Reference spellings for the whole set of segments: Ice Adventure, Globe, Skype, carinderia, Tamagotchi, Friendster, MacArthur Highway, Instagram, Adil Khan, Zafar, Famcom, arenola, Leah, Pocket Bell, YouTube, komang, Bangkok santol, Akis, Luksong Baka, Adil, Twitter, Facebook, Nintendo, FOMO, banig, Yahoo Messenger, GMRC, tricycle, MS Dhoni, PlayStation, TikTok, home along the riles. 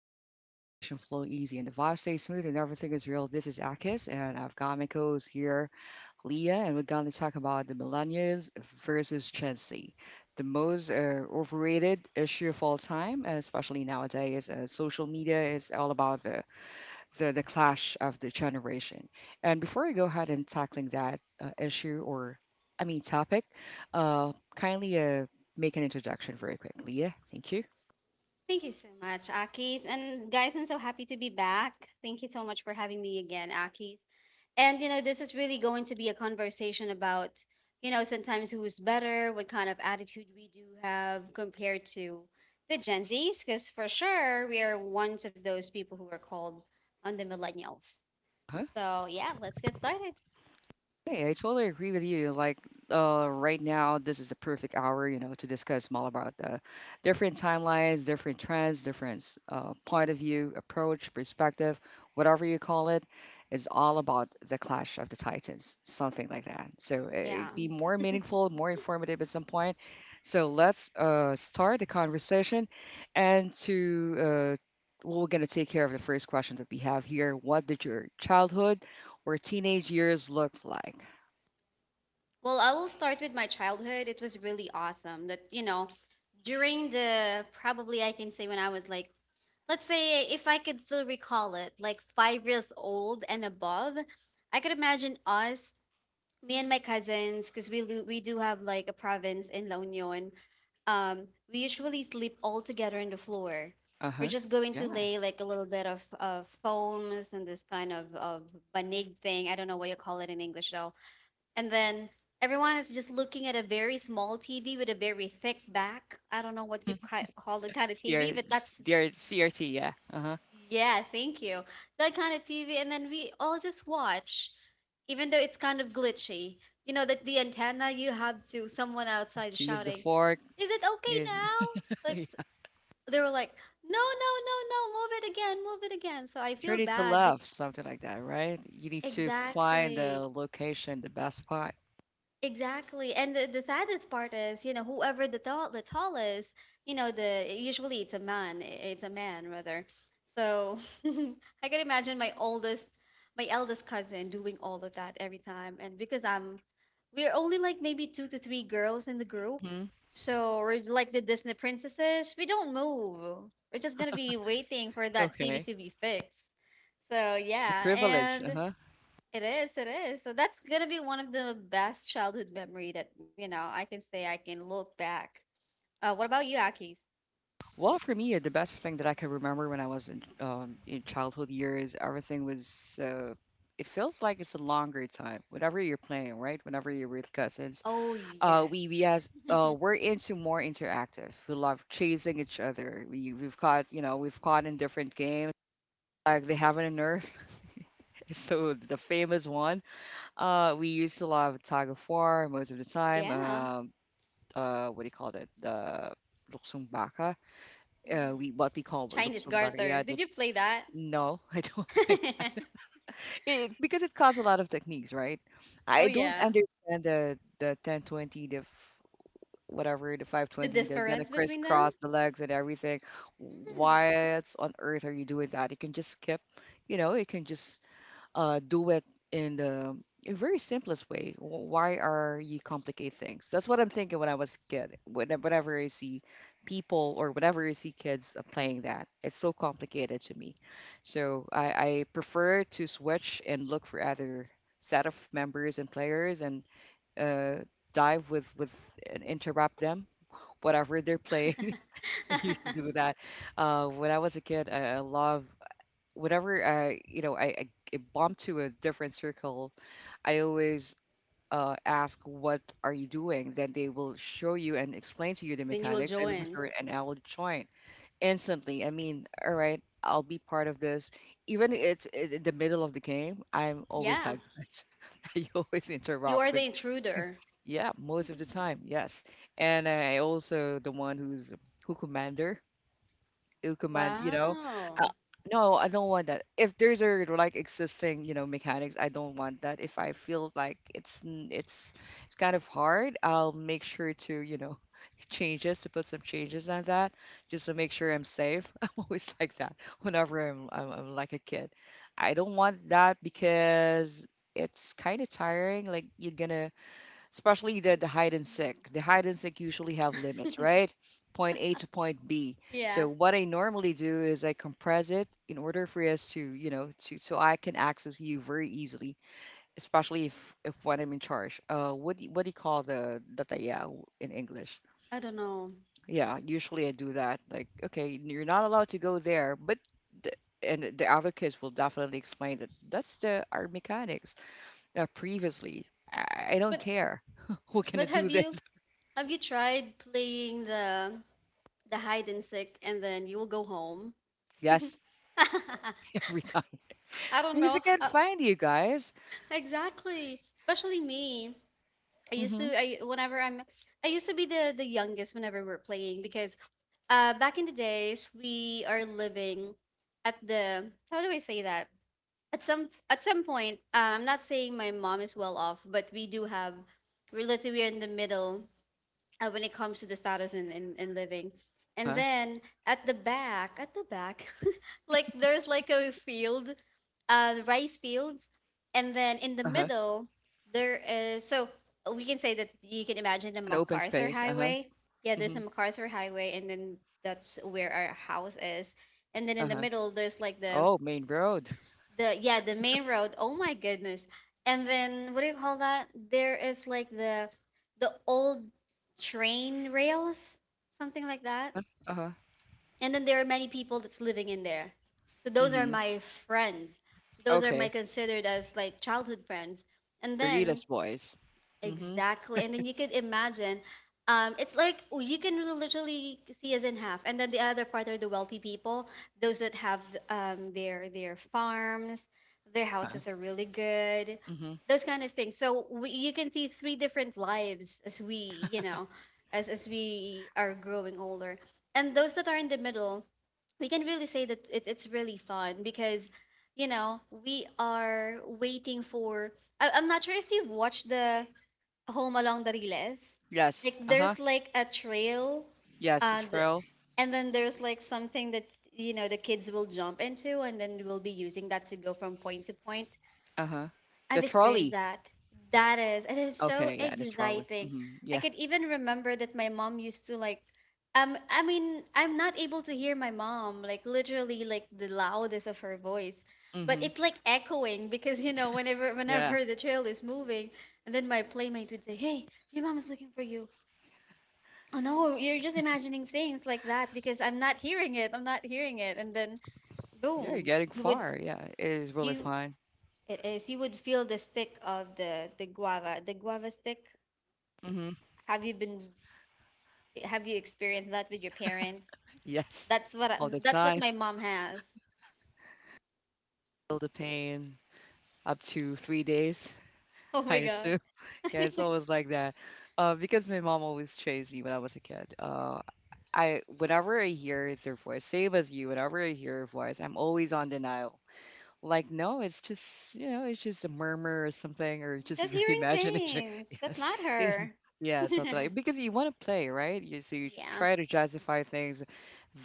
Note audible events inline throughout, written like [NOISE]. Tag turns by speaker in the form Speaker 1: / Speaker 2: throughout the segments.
Speaker 1: zone where conversation flow easy and the vibe stays smooth and everything is real. This is Akis and I've got my co-host here, Leah, and we're gonna talk about the millennials versus Gen Z, the most overrated issue of all time, and especially nowadays. Social media is all about the clash of the generation. And before we go ahead and tackling that issue or I mean topic, kindly make an introduction very quick, Leah. Thank you.
Speaker 2: Thank you so much, Akis. And guys, I'm so happy to be back. Thank you so much for having me again, Akis. And you know, this is really going to be a conversation about, you know, sometimes who's better, what kind of attitude we do have compared to the Gen Zs, because for sure we are one of those people who are called on the millennials.
Speaker 1: Uh-huh.
Speaker 2: So yeah, let's get started.
Speaker 1: Hey, I totally agree with you. Like, right now, this is the perfect hour, you know, to discuss more about the different timelines, different trends, different point of view, approach, perspective, whatever you call it. It's all about the clash of the titans, something like that. So,
Speaker 2: Yeah.
Speaker 1: be more meaningful, more informative at some point. So, let's start the conversation. And to, well, we're going to take care of the first question that we have here. What did your childhood or teenage years look like?
Speaker 2: Well, I will start with my childhood. It was really awesome that, you know, during the probably I can say when I was like let's say if I could still recall it, like 5 years old and above, I could imagine us, me and my cousins, because we do have like a province in La Union. Um, we usually sleep all together on the floor. We're
Speaker 1: Uh-huh.
Speaker 2: just going to
Speaker 1: Yeah.
Speaker 2: lay like a little bit of foams and this kind of banig thing. I don't know what you call it in English though. And then everyone is just looking at a very small TV with a very thick back. I don't know what you call the kind of TV,
Speaker 1: CR,
Speaker 2: but that's
Speaker 1: CRT, yeah. Uh-huh.
Speaker 2: yeah, thank you. That kind of TV, and then we all just watch, even though it's kind of glitchy. You know, that the antenna you have to someone outside
Speaker 1: To use the
Speaker 2: shouting,
Speaker 1: fork
Speaker 2: "Is it okay
Speaker 1: is
Speaker 2: now?"
Speaker 1: [LAUGHS]
Speaker 2: Like
Speaker 1: yeah.
Speaker 2: they were like, "No, no, no, no, move it again, move it again." So I feel
Speaker 1: Turn it to
Speaker 2: bad. Be
Speaker 1: left, something like that, right? You need to find the
Speaker 2: Exactly.
Speaker 1: location, the best spot.
Speaker 2: Exactly. And the saddest part is, you know, whoever the tallest, you know, the usually it's a man rather. So [LAUGHS] I can imagine my eldest cousin doing all of that every time. And we're only like maybe 2 to 3 girls in the group.
Speaker 1: hmm
Speaker 2: So we're like the Disney princesses. We don't move. We're just gonna be waiting for that TV
Speaker 1: Okay.
Speaker 2: to be fixed. So
Speaker 1: The
Speaker 2: yeah,
Speaker 1: privilege,
Speaker 2: and
Speaker 1: uh-huh.
Speaker 2: it is, it is. So that's gonna be one of the best childhood memory that, you know, I can say I can look back. What about you, Akis?
Speaker 1: Well, for me, the best thing that I can remember when I was in childhood years, everything was it feels like it's a longer time. Whenever you're playing, right? Whenever you're with cousins,
Speaker 2: Oh, yes. [LAUGHS]
Speaker 1: we're into more interactive. We love chasing each other. We've caught you know we've caught in different games like they have in Earth. [LAUGHS] So the famous one. We used to love tug of war most of the time.
Speaker 2: Yeah.
Speaker 1: What do you call it? The Luksong Baka.
Speaker 2: hmm
Speaker 1: We what we call
Speaker 2: Chinese
Speaker 1: Luksong Baka.
Speaker 2: garter.
Speaker 1: Yeah.
Speaker 2: Did you play that?
Speaker 1: No, [LAUGHS] I don't.
Speaker 2: [LAUGHS]
Speaker 1: It, because it costs a lot of techniques, right?
Speaker 2: Oh
Speaker 1: I don't
Speaker 2: yeah.
Speaker 1: understand the 1020, whatever, the
Speaker 2: The
Speaker 1: 520, the gonna
Speaker 2: difference between them?
Speaker 1: crisscross the legs and everything. Why on earth are you doing that? You can just skip, you know, you can just do it in the a very simplest way. Why are you complicate things? That's what I'm thinking when I was kid. Whenever I see people or whenever I see kids playing that, it's so complicated to me. So I prefer to switch and look for other set of members and players and uh, dive with and interrupt them whatever they're
Speaker 2: Mm.
Speaker 1: playing. [LAUGHS] I used to do that when I was a kid. I love whenever I, you know, I bump to a different circle, I always ask, "What are you doing?" Then they will show you and explain to you the
Speaker 2: [LAUGHS] Then you will
Speaker 1: mechanics,
Speaker 2: join.
Speaker 1: and I will join instantly. I mean, all right, I'll be part of this, even if in the middle of the game. I'm always
Speaker 2: Yeah.
Speaker 1: like that. [LAUGHS] I always
Speaker 2: You
Speaker 1: interrupt
Speaker 2: are the
Speaker 1: with,
Speaker 2: intruder.
Speaker 1: yeah, most of the time, yes. And I also the one who commander to command, you know. Uh,
Speaker 2: Wow.
Speaker 1: no, I don't want that. If there's a like existing, you know, mechanics, I don't want that. If I feel like it's it's kind of hard, I'll make sure to, you know, [LAUGHS] changes to put some changes on that just to make sure I'm safe. [LAUGHS] I'm always like that whenever I'm like a kid. I don't want that because it's kind of tiring. Like you're gonna especially the
Speaker 2: You.
Speaker 1: the hide and seek. The hide and seek usually have limits,
Speaker 2: Mhm.
Speaker 1: right? Point A to point B.
Speaker 2: [LAUGHS] Yeah.
Speaker 1: So what I normally do is I compress it in order for us to, you know, to so I can access you very easily, especially if when I'm in charge. What do you- what do you call the dataya in English?
Speaker 2: I don't know.
Speaker 1: Yeah, usually I do that. Like, okay, you're not allowed to go there, but the, and the other kids will definitely explain that that's the our mechanics previously. I don't
Speaker 2: But
Speaker 1: care. [LAUGHS] We're gonna
Speaker 2: but
Speaker 1: do
Speaker 2: have
Speaker 1: this.
Speaker 2: you Have you tried playing the hide and seek and then you will go home?
Speaker 1: Yes,
Speaker 2: [LAUGHS] I
Speaker 1: [LAUGHS] every time.
Speaker 2: don't
Speaker 1: Because I
Speaker 2: know.
Speaker 1: can't
Speaker 2: Uh,
Speaker 1: find you guys.
Speaker 2: exactly. Especially me. I used
Speaker 1: Mm-hmm.
Speaker 2: to I Whenever I'm I used to be the youngest whenever we're playing because back in the days we are living at the how do I say that? At some point, I'm not saying my mom is well off, but we do have we're let's say we're in the middle, when it comes to the status in living. And
Speaker 1: Uh-huh.
Speaker 2: then at the back, [LAUGHS] like there's like a field, rice fields. And then in the
Speaker 1: Uh-huh.
Speaker 2: middle, there is, so we can say that you can imagine the
Speaker 1: An open
Speaker 2: MacArthur
Speaker 1: space. Uh-huh.
Speaker 2: Highway. Yeah, there's
Speaker 1: Mm-hmm.
Speaker 2: a MacArthur Highway, and then that's where our house is. And then in the
Speaker 1: Uh-huh.
Speaker 2: middle, there's like
Speaker 1: Oh, main road.
Speaker 2: the yeah the main road, oh my goodness. And then what do you call that, there is like the old train rails, something like that.
Speaker 1: Uh, Uh-huh.
Speaker 2: And then there are many people that's living in there, so those are
Speaker 1: Mm-hmm.
Speaker 2: my friends, those are my
Speaker 1: Okay.
Speaker 2: considered as like childhood friends. And then
Speaker 1: Rita's voice. Mm-hmm.
Speaker 2: exactly. And then you could imagine, it's like, oh, you can really literally see us in half. And then the other part are the wealthy people, those that have their farms, their
Speaker 1: Uh,
Speaker 2: houses are really good,
Speaker 1: mm-hmm.
Speaker 2: those kind of things. So we, you can see three different lives as we, you know, as we are growing older. And those that are in the middle, we can really say that it's really fun because, you know, we are waiting for. I'm not sure if you've watched the home along the riles.
Speaker 1: Yes.
Speaker 2: Like
Speaker 1: Uh-huh.
Speaker 2: there's like a trail,
Speaker 1: Yes, the
Speaker 2: and
Speaker 1: trail.
Speaker 2: and then there's like something that, you know, the kids will jump into and then we'll be using that to go from point to point.
Speaker 1: Uh-huh. The
Speaker 2: I've experienced
Speaker 1: trolley.
Speaker 2: that. That is, it is so
Speaker 1: Okay, yeah, the trolley.
Speaker 2: exciting.
Speaker 1: Mm-hmm.
Speaker 2: I
Speaker 1: Yeah.
Speaker 2: could even remember that my mom used to like, I mean, I'm not able to hear my mom, like literally like the loudest of her voice, but
Speaker 1: Mm-hmm.
Speaker 2: it's like echoing because, you know, whenever
Speaker 1: Yeah.
Speaker 2: whenever the trail is moving, and then my playmate would say, "Hey, your mom is looking for you." Oh no, you're just imagining things like that, because I'm not hearing it. I'm not hearing it, and then
Speaker 1: Yeah, you're
Speaker 2: boom,
Speaker 1: getting
Speaker 2: you would
Speaker 1: far. Yeah, it is really
Speaker 2: you
Speaker 1: fun.
Speaker 2: it is. You would feel the stick of the guava stick.
Speaker 1: Mm-hmm.
Speaker 2: Have you been? Have you experienced that with your parents?
Speaker 1: Yes.
Speaker 2: That's what I,
Speaker 1: All the
Speaker 2: that's what
Speaker 1: time.
Speaker 2: my mom has. [LAUGHS]
Speaker 1: Feel the pain up to 3 days,
Speaker 2: Oh
Speaker 1: [LAUGHS] I
Speaker 2: my God.
Speaker 1: assume. Yeah, it's
Speaker 2: [LAUGHS]
Speaker 1: always like that. Because my mom always chased me when I was a kid. I whenever I hear their voice, same as you, whenever I hear a voice, I'm always on denial. Like, no, it's just you know, it's just a murmur or something, or just
Speaker 2: Just
Speaker 1: your [LAUGHS]
Speaker 2: hearing
Speaker 1: imagination.
Speaker 2: things. That's
Speaker 1: Yes,
Speaker 2: not
Speaker 1: it,
Speaker 2: her. [LAUGHS]
Speaker 1: yeah, something like because you want to play, right? You so you
Speaker 2: Yeah.
Speaker 1: try to justify things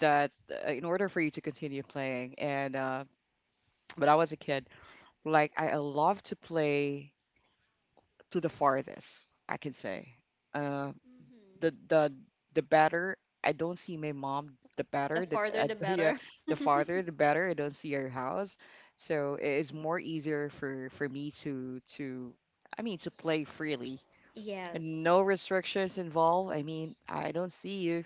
Speaker 1: that in order for you to continue playing. And when I was a kid, like I love to play to the farthest, I can say. Uh,
Speaker 2: hmm
Speaker 1: the the the better I don't see my mom, the
Speaker 2: The
Speaker 1: better that
Speaker 2: farther, the
Speaker 1: [LAUGHS] yeah,
Speaker 2: better.
Speaker 1: the
Speaker 2: [LAUGHS]
Speaker 1: farther the better, I don't see her house, so it is more easier for me to I mean to play freely
Speaker 2: Yes,
Speaker 1: and no restrictions involved. I mean I don't see you,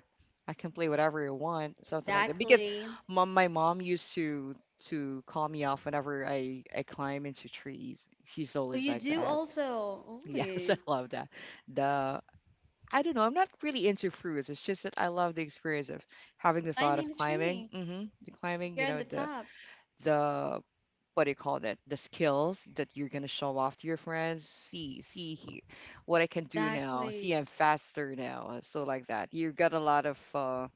Speaker 1: I can play whatever I want, something like that, because
Speaker 2: exactly.
Speaker 1: mom my mom used to call me off whenever I climb into trees. She's
Speaker 2: Oh,
Speaker 1: always
Speaker 2: you
Speaker 1: like
Speaker 2: do
Speaker 1: that.
Speaker 2: also.
Speaker 1: [LAUGHS] Yes, I
Speaker 2: Ooh.
Speaker 1: love that. The I don't know. I'm not really into fruits. It's just that I love the experience of having the thought
Speaker 2: Climbing
Speaker 1: of
Speaker 2: the
Speaker 1: climbing.
Speaker 2: tree.
Speaker 1: The
Speaker 2: Like
Speaker 1: climbing,
Speaker 2: you're
Speaker 1: you
Speaker 2: on
Speaker 1: know,
Speaker 2: the top.
Speaker 1: the what do you call that? The skills that you're gonna show off to your friends. See, see here, what I can do now.
Speaker 2: Exactly.
Speaker 1: See, I'm faster now. So like that. You got a lot of uh,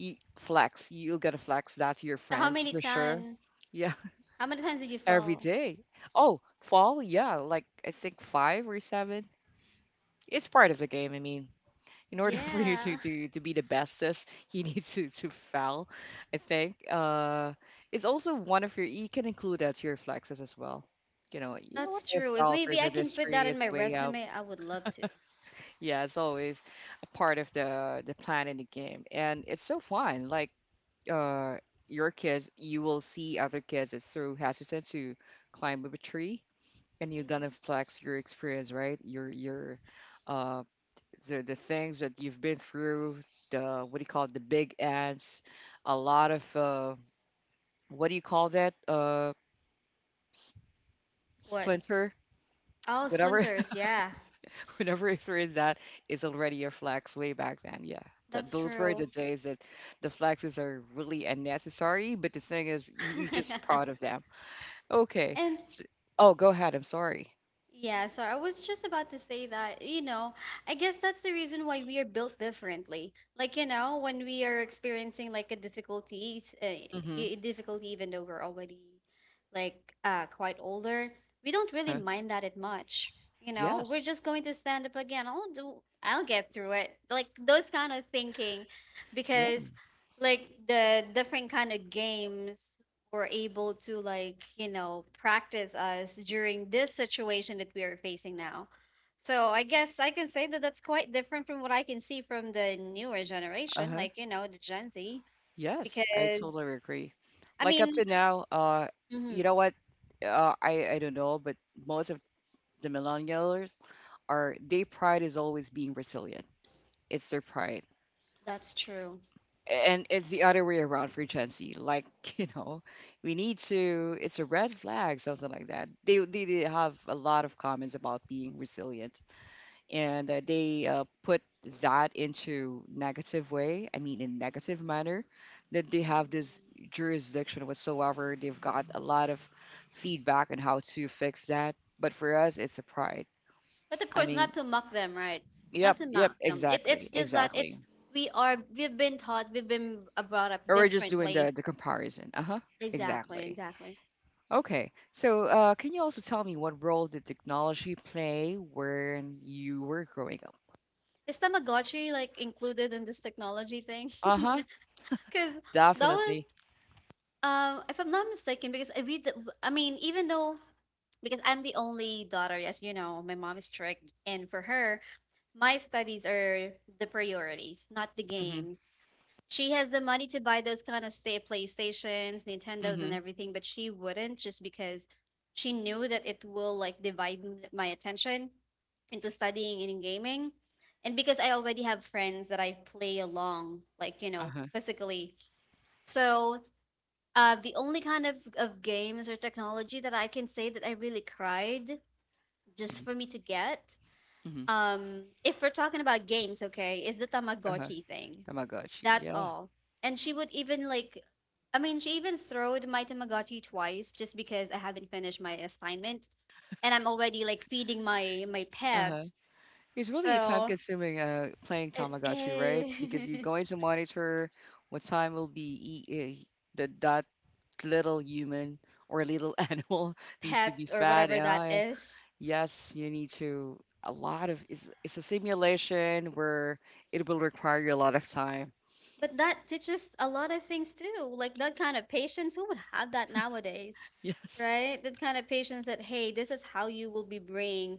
Speaker 1: y- flex. You gotta flex that to your
Speaker 2: So how
Speaker 1: friends
Speaker 2: many
Speaker 1: for sure.
Speaker 2: times?
Speaker 1: Yeah,
Speaker 2: How many times did you
Speaker 1: [LAUGHS] every
Speaker 2: fall?
Speaker 1: day. Oh, fall. Yeah, like I think five or seven. It's part of the game. I mean in order [LAUGHS] for you
Speaker 2: Yeah,
Speaker 1: to be the bestest, you need [LAUGHS] to foul. I think it's also one of your. You can include that to your flexes as well.
Speaker 2: [LAUGHS]
Speaker 1: You know what?
Speaker 2: that's
Speaker 1: I
Speaker 2: true. If
Speaker 1: foul
Speaker 2: maybe
Speaker 1: for
Speaker 2: I can
Speaker 1: this
Speaker 2: put that
Speaker 1: tree
Speaker 2: in
Speaker 1: is
Speaker 2: my
Speaker 1: way out.
Speaker 2: resume, I would love to.
Speaker 1: Yeah, it's always a part of the plan in the game, and it's so fun. Like uh, your kids, you will see other kids that's so hesitant to climb up a tree, and you're gonna flex your experience, right? Your uh, the things that you've been through, the what do you call it, the big ants, a lot of what do you call that, s-
Speaker 2: What?
Speaker 1: splinter,
Speaker 2: Oh,
Speaker 1: whatever,
Speaker 2: splinters. Yeah,
Speaker 1: [LAUGHS] whatever is there is that is already your flax way back then. Yeah, that
Speaker 2: that's
Speaker 1: those were
Speaker 2: true.
Speaker 1: the days that the flaxes are really unnecessary, but the thing is, you just proud of
Speaker 2: [LAUGHS]
Speaker 1: them. Okay,
Speaker 2: And
Speaker 1: s oh, go ahead. I'm sorry.
Speaker 2: yeah, so I was just about to say that, you know, I guess that's the reason why we are built differently. Like, you know, when we are experiencing like a,
Speaker 1: Mm-hmm.
Speaker 2: a difficulty, even though we're already like, quite older, we don't really
Speaker 1: Uh,
Speaker 2: mind that it much. You know, we're
Speaker 1: yes.
Speaker 2: just going to stand up again. I'll get through it. Like those kind of thinking,
Speaker 1: Yeah.
Speaker 2: because like the different kind of games were able to, like, you know, practice us during this situation that we are facing now. So I guess I can say that that's quite different from what I can see from the newer generation,
Speaker 1: Uh-huh.
Speaker 2: like, you know, the Gen Z.
Speaker 1: Yes, I
Speaker 2: Because
Speaker 1: totally agree.
Speaker 2: I
Speaker 1: Like up to
Speaker 2: mean
Speaker 1: now, you know
Speaker 2: mhm,
Speaker 1: what? I don't know, but most of the millennials are their pride is always being resilient. It's their pride,
Speaker 2: that's true.
Speaker 1: and it's the other way around for Gen Z. Like [LAUGHS] you know, we need to. It's a red flag, something like that. They have a lot of comments about being resilient and they put that into negative way, I mean in negative manner, that they have this
Speaker 2: Mhm.
Speaker 1: jurisdiction whatsoever. They've got a lot of feedback on how to fix that, but for us it's a pride.
Speaker 2: But of
Speaker 1: I
Speaker 2: course
Speaker 1: mean,
Speaker 2: not to mock them, right, not
Speaker 1: yep,
Speaker 2: to
Speaker 1: yep,
Speaker 2: mock them.
Speaker 1: exactly,
Speaker 2: It's just that
Speaker 1: exactly.
Speaker 2: it's we are we've been taught, we've been brought up
Speaker 1: Or we're just doing
Speaker 2: differently,
Speaker 1: the comparison. Uh-huh,
Speaker 2: exactly
Speaker 1: exactly.
Speaker 2: exactly.
Speaker 1: Okay, so can you also tell me what role did technology play when you were growing up?
Speaker 2: Is tamagotchi like included in this technology thing? [LAUGHS]
Speaker 1: Uh-huh.
Speaker 2: Because that was,
Speaker 1: Definitely.
Speaker 2: if I'm not mistaken, because I read, the, I mean, even though, because I'm the only daughter, yes, you know, my mom is strict. And for her, my studies are the priorities, not the
Speaker 1: Mm-hmm.
Speaker 2: games. She has the money to buy those kind of stay PlayStations, Nintendos, and
Speaker 1: Mm-hmm.
Speaker 2: everything, but she wouldn't, just because she knew that it will like divide my attention into studying and in gaming. And because I already have friends that I play along, like, you know,
Speaker 1: Uh-huh.
Speaker 2: physically. So the only kind of games or technology that I can say that I really cried just for me to get,
Speaker 1: Mhm.
Speaker 2: if we're talking about games, okay, is the
Speaker 1: Uh-huh.
Speaker 2: Tamagotchi thing.
Speaker 1: Tamagotchi.
Speaker 2: That's
Speaker 1: Yeah.
Speaker 2: all. And she would even like, I mean, she even throwed my Tamagotchi twice just because I haven't finished my assignment and I'm already like feeding my my
Speaker 1: Uh-huh.
Speaker 2: pet.
Speaker 1: It's really time
Speaker 2: So
Speaker 1: consuming playing
Speaker 2: it,
Speaker 1: Tamagotchi, right? Because you're
Speaker 2: eh,
Speaker 1: going to monitor what time will be the that little human or little [LAUGHS] animal
Speaker 2: [LAUGHS]
Speaker 1: needs to be
Speaker 2: pet or
Speaker 1: fed.
Speaker 2: whatever that
Speaker 1: Yeah, yeah.
Speaker 2: is.
Speaker 1: Yes, you need to a lot of it's a simulation where it will require you a lot of time. [LAUGHS]
Speaker 2: But that teaches a lot of things too. Like that kind of patience, who would have that nowadays,
Speaker 1: Yes.
Speaker 2: right? That kind of patience that, hey, this is how you will be bringing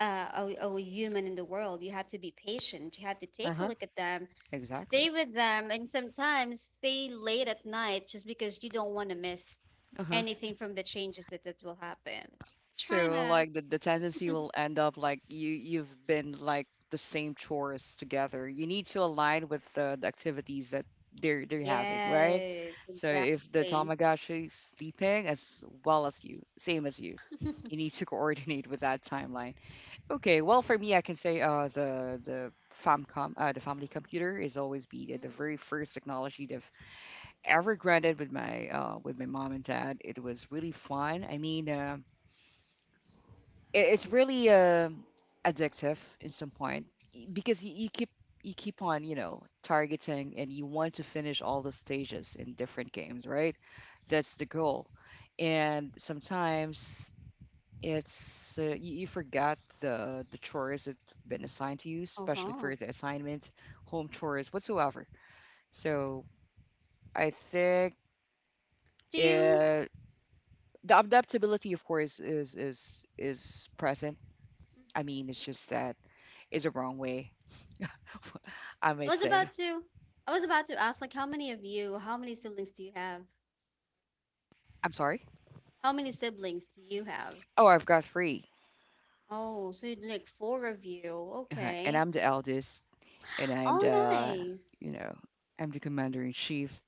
Speaker 2: uh, a human in the world. You have to be patient. You have to take a
Speaker 1: Uh-huh.
Speaker 2: look at them,
Speaker 1: Exactly.
Speaker 2: stay with them, and sometimes stay late at night just because you don't want to miss
Speaker 1: Uh-huh.
Speaker 2: anything from the changes that, that will happen. Trying
Speaker 1: So
Speaker 2: to.
Speaker 1: like the tendency will end up like you've been like the same chores together. You need to align with the activities that they're having, right?
Speaker 2: Yes,
Speaker 1: So if the
Speaker 2: exactly.
Speaker 1: Tamagotchi is sleeping as well as you, same as you, you
Speaker 2: [LAUGHS]
Speaker 1: need to [LAUGHS] coordinate with that timeline. Okay, well for me I can say the family computer is always be the very
Speaker 2: Mhm.
Speaker 1: first technology that I've ever granted with my mom and dad. It was really fun. I mean it's really addictive in some point, because you keep on targeting, and you want to finish all the stages in different games, right? That's the goal. And sometimes it's you forgot the chores that have been assigned to you, especially
Speaker 2: Uh-huh.
Speaker 1: for the assignment home chores whatsoever. So I think
Speaker 2: Do you?
Speaker 1: uh, the adaptability, of course, is present. I
Speaker 2: Mhm.
Speaker 1: mean, it's just that is a wrong way, [LAUGHS] I may
Speaker 2: I was about
Speaker 1: say.
Speaker 2: to I was about to ask like how many of you, how many siblings do you have?
Speaker 1: I'm sorry.
Speaker 2: How many siblings do you have?
Speaker 1: Oh, I've got three,
Speaker 2: Oh, so you'd like four of you.
Speaker 1: and
Speaker 2: Okay.
Speaker 1: I'm the eldest, and
Speaker 2: Oh, nice.
Speaker 1: you know, I'm the commander in chief.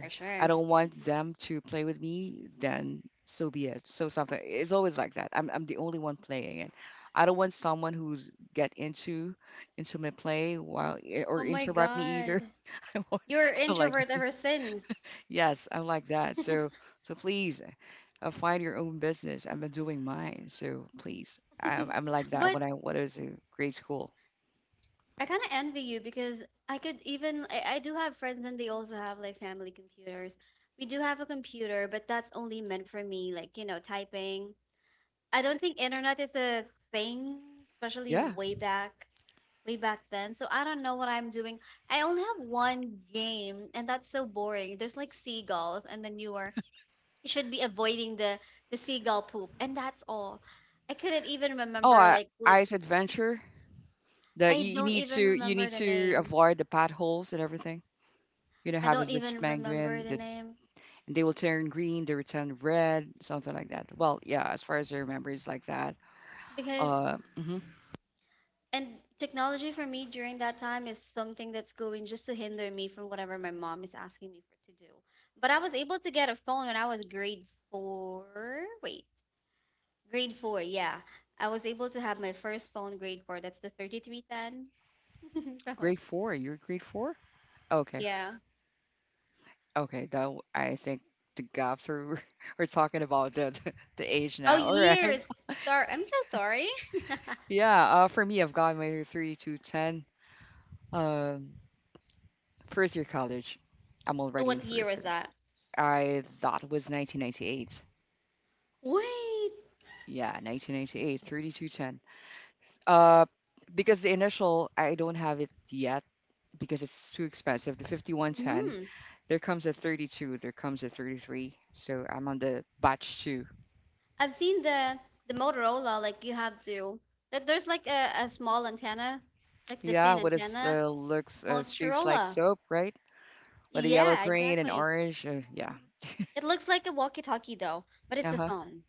Speaker 2: For
Speaker 1: I
Speaker 2: sure.
Speaker 1: don't want them to play with me, then so be it. So something. It's always like that. I'm the only one playing it. I don't want someone who's get into my play while or
Speaker 2: Oh my
Speaker 1: interrupt me
Speaker 2: God.
Speaker 1: either. [LAUGHS] I'm
Speaker 2: You're
Speaker 1: like,
Speaker 2: introvert ever since.
Speaker 1: yes, I like that. So, please, find your own business. I'm doing mine. So please, I'm like
Speaker 2: [LAUGHS]
Speaker 1: that
Speaker 2: But
Speaker 1: when I was in grade school.
Speaker 2: I kind of envy you because I could even I do have friends and they also have like family computers. We do have a computer, but that's only meant for me, like, you know, typing. I don't think internet is a thing, especially
Speaker 1: Yeah.
Speaker 2: way back. Way back then. So I don't know what I'm doing. I only have one game, and that's so boring. There's like seagulls, and then you are you should be avoiding the seagull poop, and that's all. I couldn't even
Speaker 1: Oh,
Speaker 2: remember like lit.
Speaker 1: Ice Adventure. The
Speaker 2: I
Speaker 1: you,
Speaker 2: don't even
Speaker 1: you
Speaker 2: remember
Speaker 1: need
Speaker 2: the
Speaker 1: to
Speaker 2: name.
Speaker 1: avoid the potholes and everything. You know,
Speaker 2: I
Speaker 1: have
Speaker 2: don't
Speaker 1: is this
Speaker 2: even remember
Speaker 1: penguin
Speaker 2: the
Speaker 1: that,
Speaker 2: name
Speaker 1: and they will turn green, they will turn red, something like that. Well, yeah, as far as I remember, it's like that.
Speaker 2: because
Speaker 1: Mhm.
Speaker 2: and technology for me during that time is something that's going just to hinder me from whatever my mom is asking me for to do. But I was able to get a phone when I was grade four. Wait. Grade four, yeah. I was able to have my first phone grade four. That's the 3310. [LAUGHS] So,
Speaker 1: Grade four. You're grade four. Okay.
Speaker 2: yeah.
Speaker 1: Okay, that I think the gaps are [LAUGHS] are talking about the age
Speaker 2: Oh,
Speaker 1: now. [LAUGHS] All right.
Speaker 2: years. Sorry. I'm so sorry. [LAUGHS]
Speaker 1: Yeah, for me I've got my three to ten. Um First year college. I'm
Speaker 2: So,
Speaker 1: already in
Speaker 2: what year
Speaker 1: first
Speaker 2: was
Speaker 1: year.
Speaker 2: that?
Speaker 1: I thought was 1998.
Speaker 2: Wait.
Speaker 1: Yeah, 1998, thirty to ten. Uh because the initial I don't have it yet because it's too expensive. The 5110,
Speaker 2: hmm
Speaker 1: there comes a 32, there comes a 33. So I'm on the batch two.
Speaker 2: I've seen the Motorola, like you have to, that there's like a small antenna, like the
Speaker 1: Yeah,
Speaker 2: thin
Speaker 1: what is
Speaker 2: antenna.
Speaker 1: looks shapes like
Speaker 2: Motorola.
Speaker 1: soap, right? With the yellow,
Speaker 2: Yeah,
Speaker 1: green, and
Speaker 2: exactly.
Speaker 1: orange. Yeah.
Speaker 2: Mhm. It looks like a walkie-talkie though, but
Speaker 1: Uh
Speaker 2: it's a
Speaker 1: huh.
Speaker 2: phone.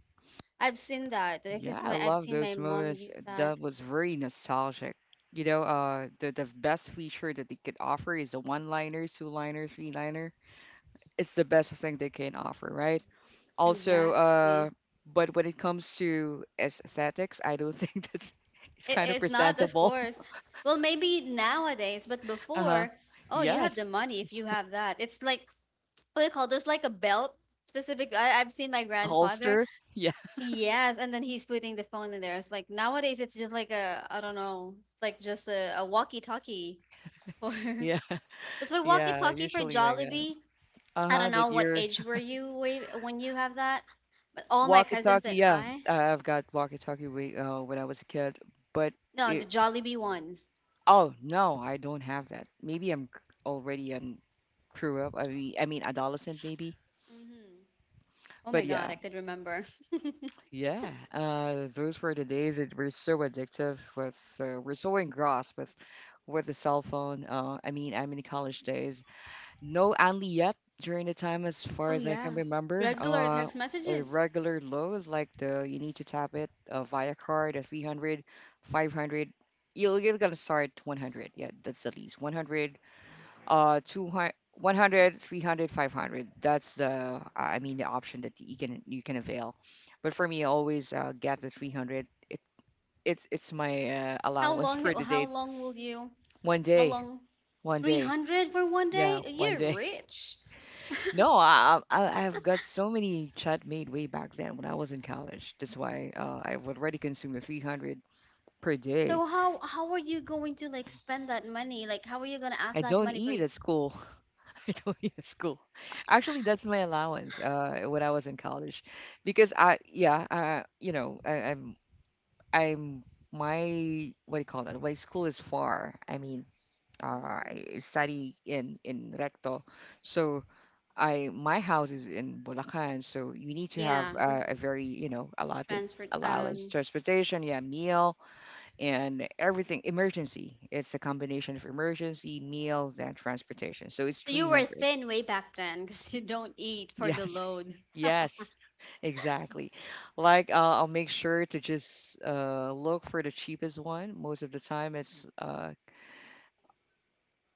Speaker 2: I've seen that
Speaker 1: Yeah,
Speaker 2: because
Speaker 1: I
Speaker 2: my I've
Speaker 1: love
Speaker 2: seen my
Speaker 1: those
Speaker 2: mom
Speaker 1: moments.
Speaker 2: use that.
Speaker 1: That was very nostalgic. The best feature that they could offer is a one-liner, two-liner, three-liner. It's the best thing they can offer, right? Also,
Speaker 2: Exactly.
Speaker 1: but when it comes to aesthetics, I don't [LAUGHS] think that's it's
Speaker 2: It
Speaker 1: kind of
Speaker 2: is not, of
Speaker 1: presentable.
Speaker 2: course.
Speaker 1: [LAUGHS]
Speaker 2: Well, maybe nowadays, but
Speaker 1: Uh huh.
Speaker 2: before, oh, you have the
Speaker 1: Yes,
Speaker 2: money if you have that. It's like what do you call this? Like a belt specific. I've seen my
Speaker 1: the
Speaker 2: grandfather.
Speaker 1: holster. Yeah,
Speaker 2: Yes, and then he's putting the phone in there. It's like nowadays, it's just like a I don't know, it's like just a walkie-talkie or
Speaker 1: [LAUGHS]
Speaker 2: [LAUGHS]
Speaker 1: yeah,
Speaker 2: that's why
Speaker 1: yeah.
Speaker 2: walkie-talkie for
Speaker 1: Usually like that.
Speaker 2: Jollibee. I
Speaker 1: Uh-huh,
Speaker 2: don't
Speaker 1: that
Speaker 2: know what
Speaker 1: your
Speaker 2: age were you when you have that, but all my cousins
Speaker 1: walkie-talkie,
Speaker 2: and
Speaker 1: yeah.
Speaker 2: I,
Speaker 1: I've got walkie-talkie way, when I was a kid, but
Speaker 2: no, the
Speaker 1: it,
Speaker 2: Jollibee ones.
Speaker 1: oh no, I don't have that. Maybe already grew up. I mean, adolescent maybe.
Speaker 2: Hmm. Oh my
Speaker 1: But
Speaker 2: God,
Speaker 1: yeah,
Speaker 2: I could remember. [LAUGHS]
Speaker 1: yeah. Those were the days that were so addictive with we're so engrossed with the cell phone. I mean, I'm in college days. No only yet during the time as far
Speaker 2: Oh
Speaker 1: as I
Speaker 2: yeah,
Speaker 1: can remember.
Speaker 2: regular text
Speaker 1: A
Speaker 2: messages.
Speaker 1: regular load, like the, you need to tap it via card, a 300, 500. You're gonna start 100. Yeah, that's the least 100, 200, 100, 300, 500. That's the I mean the option that you can avail. But for me, I always get the 300. It's my
Speaker 2: How
Speaker 1: allowance
Speaker 2: long?
Speaker 1: for
Speaker 2: It?
Speaker 1: the
Speaker 2: How
Speaker 1: day.
Speaker 2: long will you?
Speaker 1: One
Speaker 2: How
Speaker 1: day,
Speaker 2: long?
Speaker 1: one
Speaker 2: Three
Speaker 1: day.
Speaker 2: hundred for one
Speaker 1: Yeah,
Speaker 2: day?
Speaker 1: one
Speaker 2: You're
Speaker 1: day.
Speaker 2: rich. [LAUGHS]
Speaker 1: No, I have got so many chat made way back then when I was in college. That's why I've already consumed a 300 per day.
Speaker 2: So how are you going to like spend that money? Like how are you gonna ask
Speaker 1: I
Speaker 2: that
Speaker 1: don't
Speaker 2: money for
Speaker 1: eat
Speaker 2: you?
Speaker 1: at school. [LAUGHS] I don't eat at school. Actually, that's my allowance when I was in college, because I, yeah, I'm my, what do you call that? My school is far. I mean,
Speaker 2: Mm,
Speaker 1: I study in Recto, so I my house is in Bulacan, so you need to have
Speaker 2: yeah,
Speaker 1: a
Speaker 2: hmm.
Speaker 1: very allotted
Speaker 2: Transfer.
Speaker 1: allowance, transportation, yeah, meal, and everything. Emergency, it's a combination of emergency, meal, then transportation. So it's
Speaker 2: So you were
Speaker 1: 300.
Speaker 2: thin way back then because you don't eat for the
Speaker 1: Yes,
Speaker 2: load.
Speaker 1: [LAUGHS] yes, exactly. Like, I'll make sure to just look for the cheapest one. Most of the time, it's uh,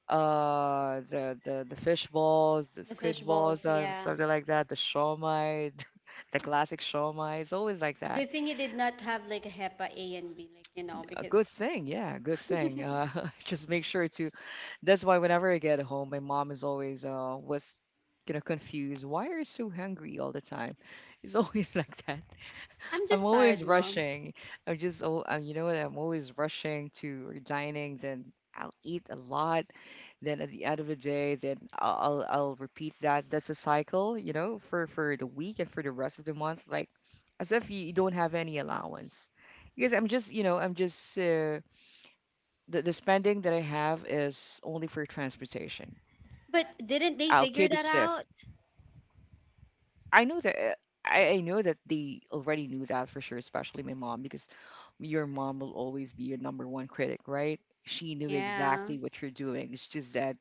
Speaker 1: uh the the the fish balls, the
Speaker 2: The fish
Speaker 1: squid balls,
Speaker 2: balls,
Speaker 1: and
Speaker 2: yeah.
Speaker 1: something like that. The shawmai, [LAUGHS] the classic shawmai. It's always like that.
Speaker 2: Good thing you did not have like a HEPA A and B, like you know,
Speaker 1: A
Speaker 2: because
Speaker 1: good thing, yeah, good thing. [LAUGHS] Just make sure to. That's why whenever I get home, my mom is always was confused. Why are you so hungry all the time? It's always [LAUGHS] like that.
Speaker 2: [LAUGHS] I'm just
Speaker 1: I'm
Speaker 2: tired,
Speaker 1: always
Speaker 2: mom.
Speaker 1: rushing. I'm just, oh, you know what? I'm always rushing to or dining. Then I'll eat a lot. Then at the end of the day, then I'll repeat that. That's a cycle, for the week and for the rest of the month. Like as if you don't have any allowance, because I'm just, the spending that I have is only for transportation.
Speaker 2: But didn't they
Speaker 1: I'll
Speaker 2: figure
Speaker 1: keep it
Speaker 2: that
Speaker 1: safe.
Speaker 2: out?
Speaker 1: I know that, I know that they already knew that for sure, especially my mom, because your mom will always be your number one critic, right? She knew
Speaker 2: Yeah.
Speaker 1: exactly what you're doing. It's just that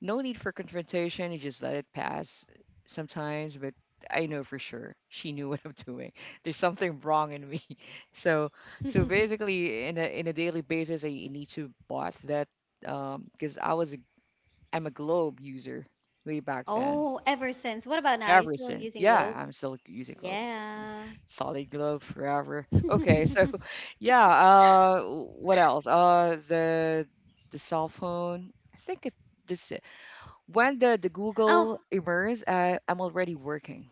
Speaker 1: no need for confrontation. You just let it pass sometimes, but I know for sure she knew [LAUGHS] what I'm doing. There's something wrong in me. [LAUGHS] So,
Speaker 2: [LAUGHS]
Speaker 1: basically in a daily basis I need to bot that, because I'm a Globe user way back then.
Speaker 2: Oh, ever since. What about now? Are you
Speaker 1: Ever
Speaker 2: still
Speaker 1: since.
Speaker 2: using
Speaker 1: Yeah,
Speaker 2: Globe?
Speaker 1: I'm still using Globe.
Speaker 2: Yeah.
Speaker 1: Solid Globe forever. Okay, so
Speaker 2: [LAUGHS]
Speaker 1: [LAUGHS] yeah, what else? The cell phone. I think it, this it. When the
Speaker 2: Oh,
Speaker 1: Google emerged, I'm already working.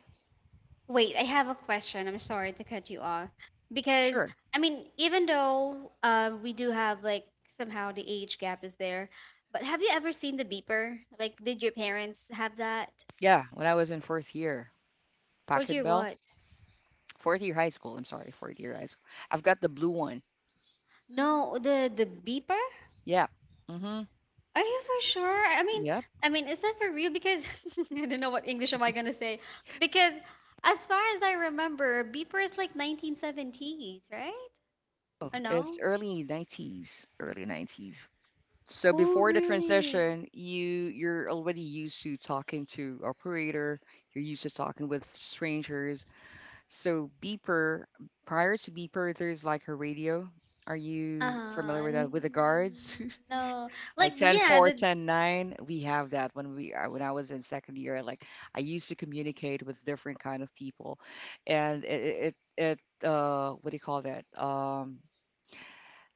Speaker 2: wait, I have a question. I'm sorry to cut you off. Because,
Speaker 1: Sure.
Speaker 2: I mean, even though we do have like somehow the age gap is there, but have you ever seen the beeper? Like, did your parents have that?
Speaker 1: Yeah, when I was in fourth year,
Speaker 2: For
Speaker 1: Pocket
Speaker 2: your
Speaker 1: Bell,
Speaker 2: what?
Speaker 1: fourth year high school. I'm sorry, fourth year high school. I've got the blue one.
Speaker 2: No, the beeper?
Speaker 1: Yeah. Mhm.
Speaker 2: Are you for sure?
Speaker 1: Yep.
Speaker 2: I mean, is that for real? Because [LAUGHS] I don't know what English am I gonna say. Because as far as I remember, beeper is like 1970s, right?
Speaker 1: Oh,
Speaker 2: Or
Speaker 1: it's
Speaker 2: no?
Speaker 1: early 90s, early 90s. So
Speaker 2: Oh,
Speaker 1: before the
Speaker 2: really?
Speaker 1: transition, you're already used to talking to operator, you're used to talking with strangers. So beeper, prior to beeper, there's like a radio. Are you familiar with that, with the guards?
Speaker 2: No.
Speaker 1: [LAUGHS]
Speaker 2: Like,
Speaker 1: Like ten
Speaker 2: yeah,
Speaker 1: four
Speaker 2: the.
Speaker 1: ten nine. We have that when we when I was in second year, like I used to communicate with different kind of people, and what do you call that?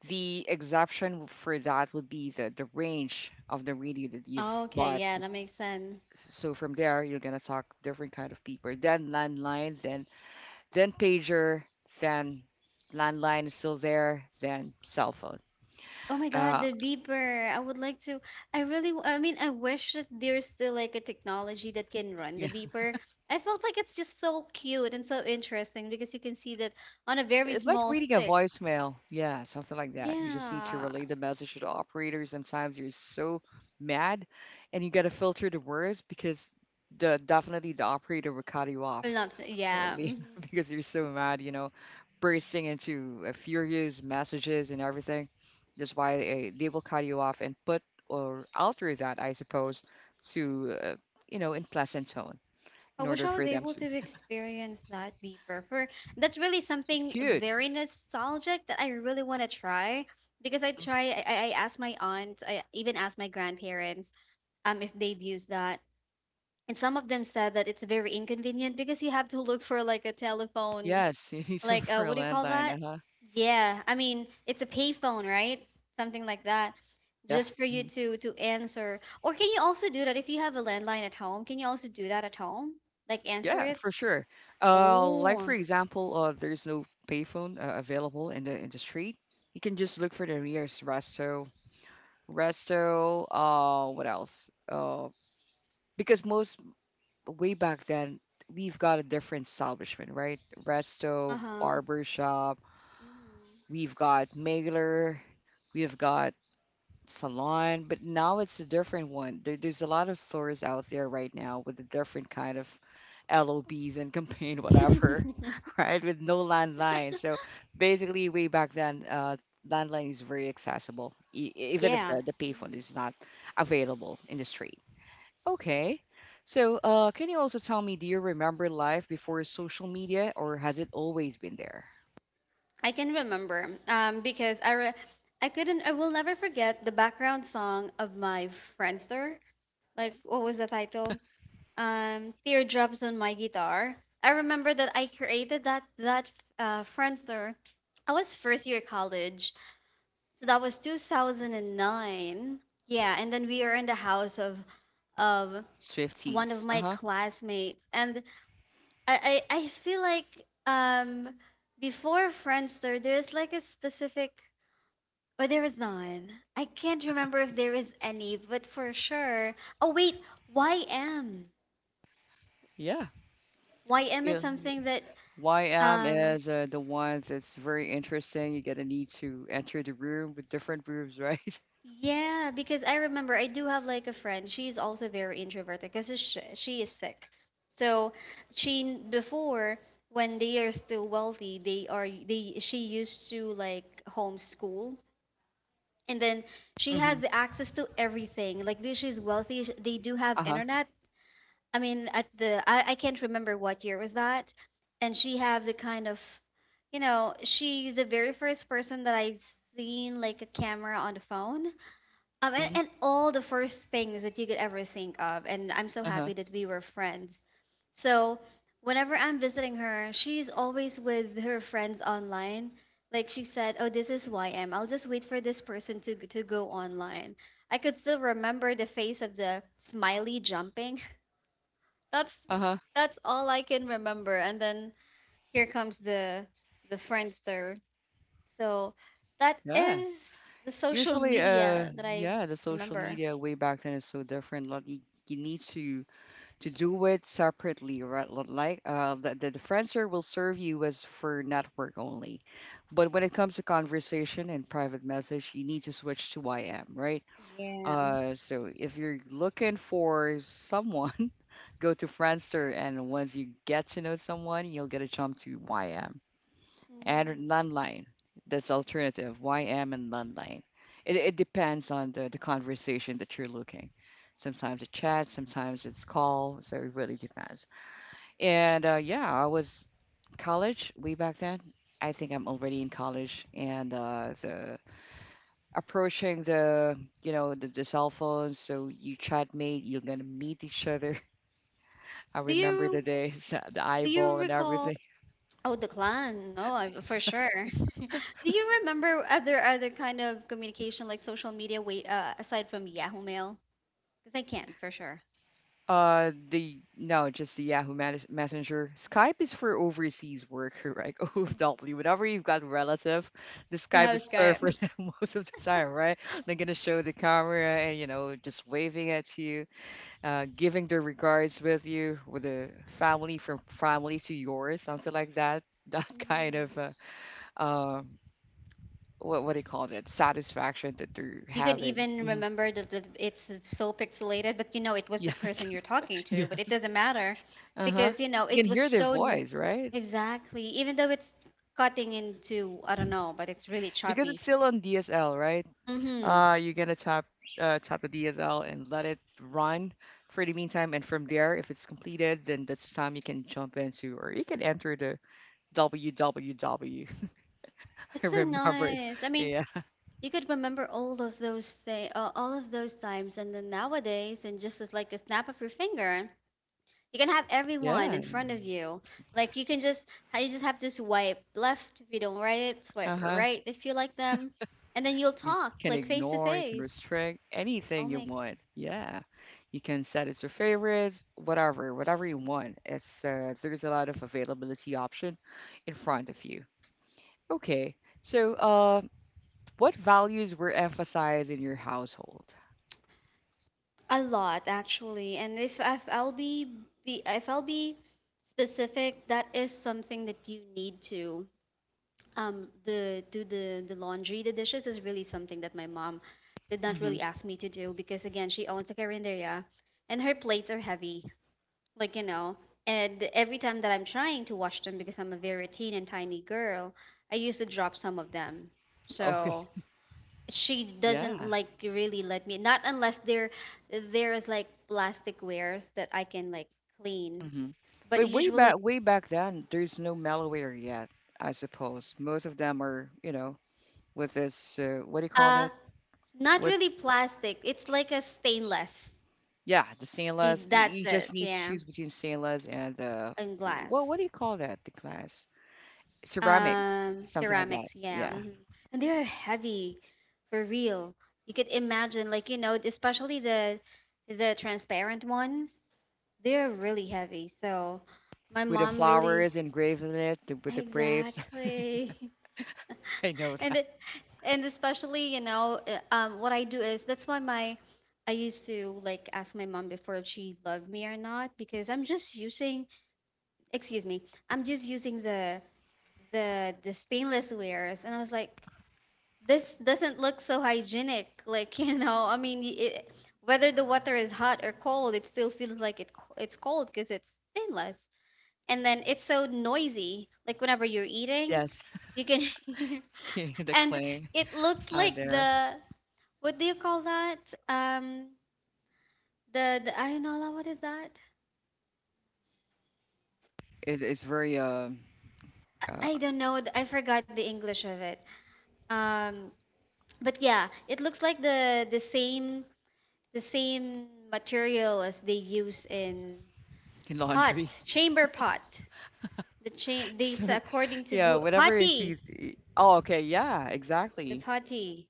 Speaker 1: The exception for that would be the range of the radio that you've
Speaker 2: Oh, okay,
Speaker 1: bought.
Speaker 2: yeah, that makes sense.
Speaker 1: So from there, you're gonna talk different kind of people. Then landline, then pager, then landline is still there, then cell phone.
Speaker 2: Oh my God,
Speaker 1: Uh,
Speaker 2: the beeper. I would like to. I really, I mean, I wish that there's still like a technology that can run
Speaker 1: yeah,
Speaker 2: the beeper. I felt like it's just so cute and so interesting because you can see that on a very
Speaker 1: it's like
Speaker 2: small
Speaker 1: reading a
Speaker 2: stick.
Speaker 1: voicemail. Yeah, something like that. You just need to
Speaker 2: Yeah.
Speaker 1: relay the message to the operator. Sometimes you're so mad, and you gotta filter the words, because the definitely the operator will cut you
Speaker 2: Well,
Speaker 1: off.
Speaker 2: not, yeah.
Speaker 1: Probably
Speaker 2: Mhm.
Speaker 1: [LAUGHS] because you're so mad, bursting into furious messages and everything. That's why they will cut you off and put or alter that, I suppose, to, in pleasant tone,
Speaker 2: I
Speaker 1: in
Speaker 2: wish
Speaker 1: order
Speaker 2: I
Speaker 1: for
Speaker 2: was
Speaker 1: them
Speaker 2: able
Speaker 1: to.
Speaker 2: to experience that beeper. For that's really
Speaker 1: It's
Speaker 2: something
Speaker 1: cute.
Speaker 2: very nostalgic that I really want to try because I try, I asked my aunt, I even asked my grandparents if they've used that, and some of them said that it's very inconvenient because you have to look for like a telephone,
Speaker 1: Yes, [LAUGHS] you need to look
Speaker 2: like uh,
Speaker 1: for a
Speaker 2: what do you call
Speaker 1: landline.
Speaker 2: that,
Speaker 1: Uh huh.
Speaker 2: yeah, I mean it's a payphone, right, something like that,
Speaker 1: Yeah.
Speaker 2: just for you
Speaker 1: Mhm.
Speaker 2: to answer, or can you also do that if you have a landline at home, can you also do that at home, like answer
Speaker 1: Yeah,
Speaker 2: it?
Speaker 1: for sure. Like for
Speaker 2: Oh,
Speaker 1: example, there's no payphone available in the street. You can just look for the nearest resto. Resto. What else? Because most way back then we've got a different establishment, right? Resto,
Speaker 2: uh-huh.
Speaker 1: barber shop, we've got mailer, we've got salon, but now it's a different one. There's a lot of stores out there right now with a different kind of LOBs and campaign
Speaker 2: Hmm.
Speaker 1: whatever, [LAUGHS] right? With no landline. So basically, way back then, landline is very accessible,
Speaker 2: [LAUGHS]
Speaker 1: even if
Speaker 2: Yeah.
Speaker 1: the payphone
Speaker 2: Hmm.
Speaker 1: is not available in the street. Okay. So, can you also tell me, do you remember life before social media, or has it always been there?
Speaker 2: I can remember, because I couldn't, I will never forget the background song of my Friendster. Like what was the title? Teardrops on My Guitar. I remember that I created that Friendster. I was first year college, so that was 2009. Yeah, and then we are in the house of one of
Speaker 1: Swifties. Uh
Speaker 2: my
Speaker 1: huh.
Speaker 2: classmates, and I feel like before Friendster, there's like a specific. But there is none. I can't remember if there is any, but for sure. Oh wait, YM.
Speaker 1: Yeah.
Speaker 2: YM is
Speaker 1: Yeah.
Speaker 2: something that
Speaker 1: YM
Speaker 2: um
Speaker 1: is the one that's very interesting. You're gonna need to enter the room with different rooms, right? [LAUGHS]
Speaker 2: yeah, because I remember I do have like a friend. She's also very introverted because she is sick. So she before, when they are still wealthy, they are they she used to like homeschool and then she has
Speaker 1: Mm-hmm.
Speaker 2: the access to everything. Like because she's wealthy, they do have
Speaker 1: Uh huh.
Speaker 2: internet. I mean, at the I can't remember what year was that, and she have the kind of, you know, she's the very first person that I've seen like a camera on the phone, and,
Speaker 1: Mm-hmm.
Speaker 2: and all the first things that you could ever think of, and I'm so
Speaker 1: Uh huh.
Speaker 2: happy that we were friends. So whenever I'm visiting her, she's always with her friends online. Like she said, "Oh, this is Y, will just wait for this person to go online." I could still remember the face of the smiley jumping. that's
Speaker 1: Uh huh.
Speaker 2: that's all I can remember. And then here comes the Friendster. So that
Speaker 1: Yeah.
Speaker 2: is the social
Speaker 1: Usually,
Speaker 2: media that I
Speaker 1: yeah, the social
Speaker 2: remember.
Speaker 1: media way back then is so different. Like you need to do it separately, right? Like the differencer will serve you as for network only. But when it comes to conversation and private message, you need to switch to YM, right?
Speaker 2: Yeah.
Speaker 1: So if you're looking for someone, [LAUGHS] go to Friendster, and once you get to know someone, you'll get a jump to YM and
Speaker 2: Mhm.
Speaker 1: landline. That's alternative. YM and landline. It depends on the conversation that you're looking. Sometimes it's chat, sometimes it's call. So it really depends. And yeah, I was college way back then. I think I'm already in college and the approaching the cell phones. So you chat mate, you're gonna meet each other. [LAUGHS] I
Speaker 2: Do
Speaker 1: remember
Speaker 2: you
Speaker 1: the days, [LAUGHS] the
Speaker 2: do you
Speaker 1: eyeball and
Speaker 2: recall?
Speaker 1: everything.
Speaker 2: Oh, the clan. No, I, for sure. [LAUGHS] Do you remember other kind of communication like social media? Wait, aside from Yahoo Mail? Because I can't for sure.
Speaker 1: The no, just the Yahoo Messenger. Skype is for overseas work, right? [LAUGHS] OFW. Whenever you've got relative, the
Speaker 2: You
Speaker 1: Skype
Speaker 2: have
Speaker 1: is there for
Speaker 2: Skype.
Speaker 1: them [LAUGHS] most of the time, right? They're gonna show the camera and you know just waving at you, giving their regards with you, with a family from family to yours, something like that. [LAUGHS] That
Speaker 2: [LAUGHS]
Speaker 1: kind of
Speaker 2: Mhm.
Speaker 1: uh, what what do you call that? Satisfaction that they're
Speaker 2: You can
Speaker 1: having.
Speaker 2: even
Speaker 1: Hmm
Speaker 2: remember that that it's so pixelated, but you know it was the
Speaker 1: Yes,
Speaker 2: person you're talking
Speaker 1: [LAUGHS]
Speaker 2: to, but it
Speaker 1: yes.
Speaker 2: doesn't matter
Speaker 1: Uh huh.
Speaker 2: because you know
Speaker 1: You can
Speaker 2: it was
Speaker 1: hear their
Speaker 2: so
Speaker 1: voice, right?
Speaker 2: exactly, even though it's cutting into, I don't know, but it's really
Speaker 1: Because it's
Speaker 2: choppy.
Speaker 1: still on DSL, right?
Speaker 2: Mm-hmm.
Speaker 1: Uh, you're gonna tap the DSL and let it run for the meantime, and from there, if it's completed, then that's the time you can jump into or you can enter the www. [LAUGHS]
Speaker 2: It's
Speaker 1: I
Speaker 2: so
Speaker 1: remember it.
Speaker 2: nice. I mean,
Speaker 1: Yeah,
Speaker 2: you could remember all of those things, all of those times, and then nowadays, and just as like a snap of your finger. You can have everyone
Speaker 1: yeah.
Speaker 2: in front of you. Like you can just how you just have to swipe left if you don't write it, swipe
Speaker 1: Uh-huh.
Speaker 2: right if you like them, and then you'll
Speaker 1: You
Speaker 2: talk
Speaker 1: can
Speaker 2: like face to
Speaker 1: ignore, you can
Speaker 2: face.
Speaker 1: restrict
Speaker 2: Oh
Speaker 1: anything you
Speaker 2: my,
Speaker 1: want. Yeah, you can set it to favorites, whatever, whatever you want. It's there's a lot of availability option in front of you. Okay. So, uh, What values were emphasized in your household?
Speaker 2: a lot actually. And if I'll be specific, that is something that you need to the do the laundry. The dishes is really something that my mom did not
Speaker 1: Hmm
Speaker 2: really ask me to do because again she owns a carinderia and her plates are heavy. Like you know, and every time that I'm trying to wash them, because I'm a very teen and tiny girl, I used to drop some of them.
Speaker 1: Okay.
Speaker 2: So she doesn't
Speaker 1: Yeah.
Speaker 2: like really let me, not unless there is like plastic wares that I can like clean.
Speaker 1: hmm
Speaker 2: But
Speaker 1: But
Speaker 2: usually,
Speaker 1: way back then, there's no malware yet, I suppose. Most of them are, you know, with this, what do you call
Speaker 2: uh
Speaker 1: that?
Speaker 2: not really
Speaker 1: What's,
Speaker 2: plastic, it's like a stainless.
Speaker 1: yeah, the stainless.
Speaker 2: It-
Speaker 1: You,
Speaker 2: that's
Speaker 1: you just
Speaker 2: it,
Speaker 1: need to
Speaker 2: yeah,
Speaker 1: choose between stainless and the,
Speaker 2: and
Speaker 1: what,
Speaker 2: glass.
Speaker 1: what do you call that? The glass? Ceramic, something like that.
Speaker 2: Ceramics, yeah.
Speaker 1: Yeah.
Speaker 2: Hmm. And they're heavy, for real. You could imagine, like, you know, especially the transparent ones, they're really heavy. So my
Speaker 1: With the
Speaker 2: mom really,
Speaker 1: flowers engraved in it, the, with the grapes.
Speaker 2: exactly. [LAUGHS]
Speaker 1: [LAUGHS] I know
Speaker 2: And
Speaker 1: that.
Speaker 2: it, and especially, you know, what I do is that's why my I used to like ask my mom before if she loved me or not because I'm just using, excuse me, I'm just using the stainless wares, and I was like, this doesn't look so hygienic, like [LAUGHS] you know, I mean it, whether the water is hot or cold, it still feels like it it's cold because it's stainless. And then it's so noisy, like whenever you're eating,
Speaker 1: Yes.
Speaker 2: you can [LAUGHS] hear.
Speaker 1: [LAUGHS] The
Speaker 2: And
Speaker 1: clay
Speaker 2: it looks
Speaker 1: out
Speaker 2: like
Speaker 1: there.
Speaker 2: the what do you call that, um the arenola, what is that?
Speaker 1: It's very uh
Speaker 2: I don't know, I forgot the English of it. Um, but yeah, it looks like the same material as they use in.
Speaker 1: [LAUGHS] laundry.
Speaker 2: Pot,
Speaker 1: [LAUGHS]
Speaker 2: chamber pot. The chain, these,
Speaker 1: So
Speaker 2: according to
Speaker 1: yeah,
Speaker 2: Google,
Speaker 1: whatever is see.
Speaker 2: potty,
Speaker 1: Oh, okay. Yeah,
Speaker 2: the
Speaker 1: exactly.
Speaker 2: potty.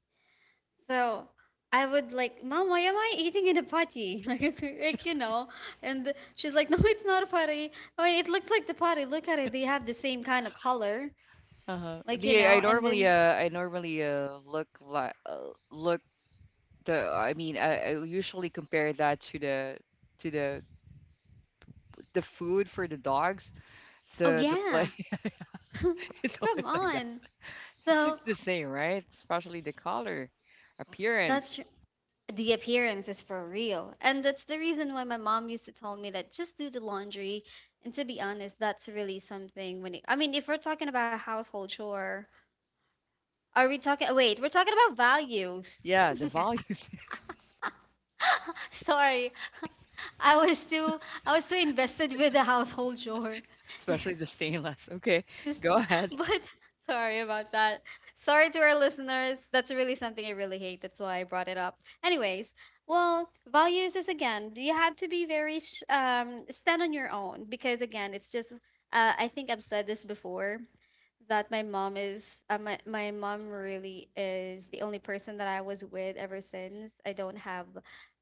Speaker 2: So I would like, Mom, why am I eating in a potty? [LAUGHS] Like you know. And she's like, No, it's not a potty. I mean, it looks like the potty. Look at it. They have the same kind of color.
Speaker 1: Uh-huh.
Speaker 2: Like you
Speaker 1: Me,
Speaker 2: know. And then,
Speaker 1: I normally look like look the I mean I usually compare that to the the food for the dogs.
Speaker 2: oh
Speaker 1: The play
Speaker 2: yeah,
Speaker 1: [LAUGHS] it's
Speaker 2: [LAUGHS] come
Speaker 1: always like that.
Speaker 2: on.
Speaker 1: It's like
Speaker 2: So
Speaker 1: the same, right? Especially the color, appearance.
Speaker 2: that's the appearance is for real. And that's the reason why my mom used to tell me that just do the laundry. And to be honest, that's really something when it, I mean, if we're talking about household chore, are we talking, oh, wait, we're talking about values.
Speaker 1: Yeah, the values,
Speaker 2: [LAUGHS] Sorry. I was too I was too invested with the household chore.
Speaker 1: [LAUGHS]
Speaker 2: [LAUGHS]
Speaker 1: especially the stainless. Okay,
Speaker 2: This-
Speaker 1: go
Speaker 2: [LAUGHS]
Speaker 1: ahead.
Speaker 2: but [LAUGHS] sorry about that. Sorry to our listeners. That's really something I really hate. That's why I brought it up. Anyways, well, values is, again, you have to be very stand on your own, because again, it's just I think I've said this before that my mom is my mom really is the only person that I was with ever since. I don't have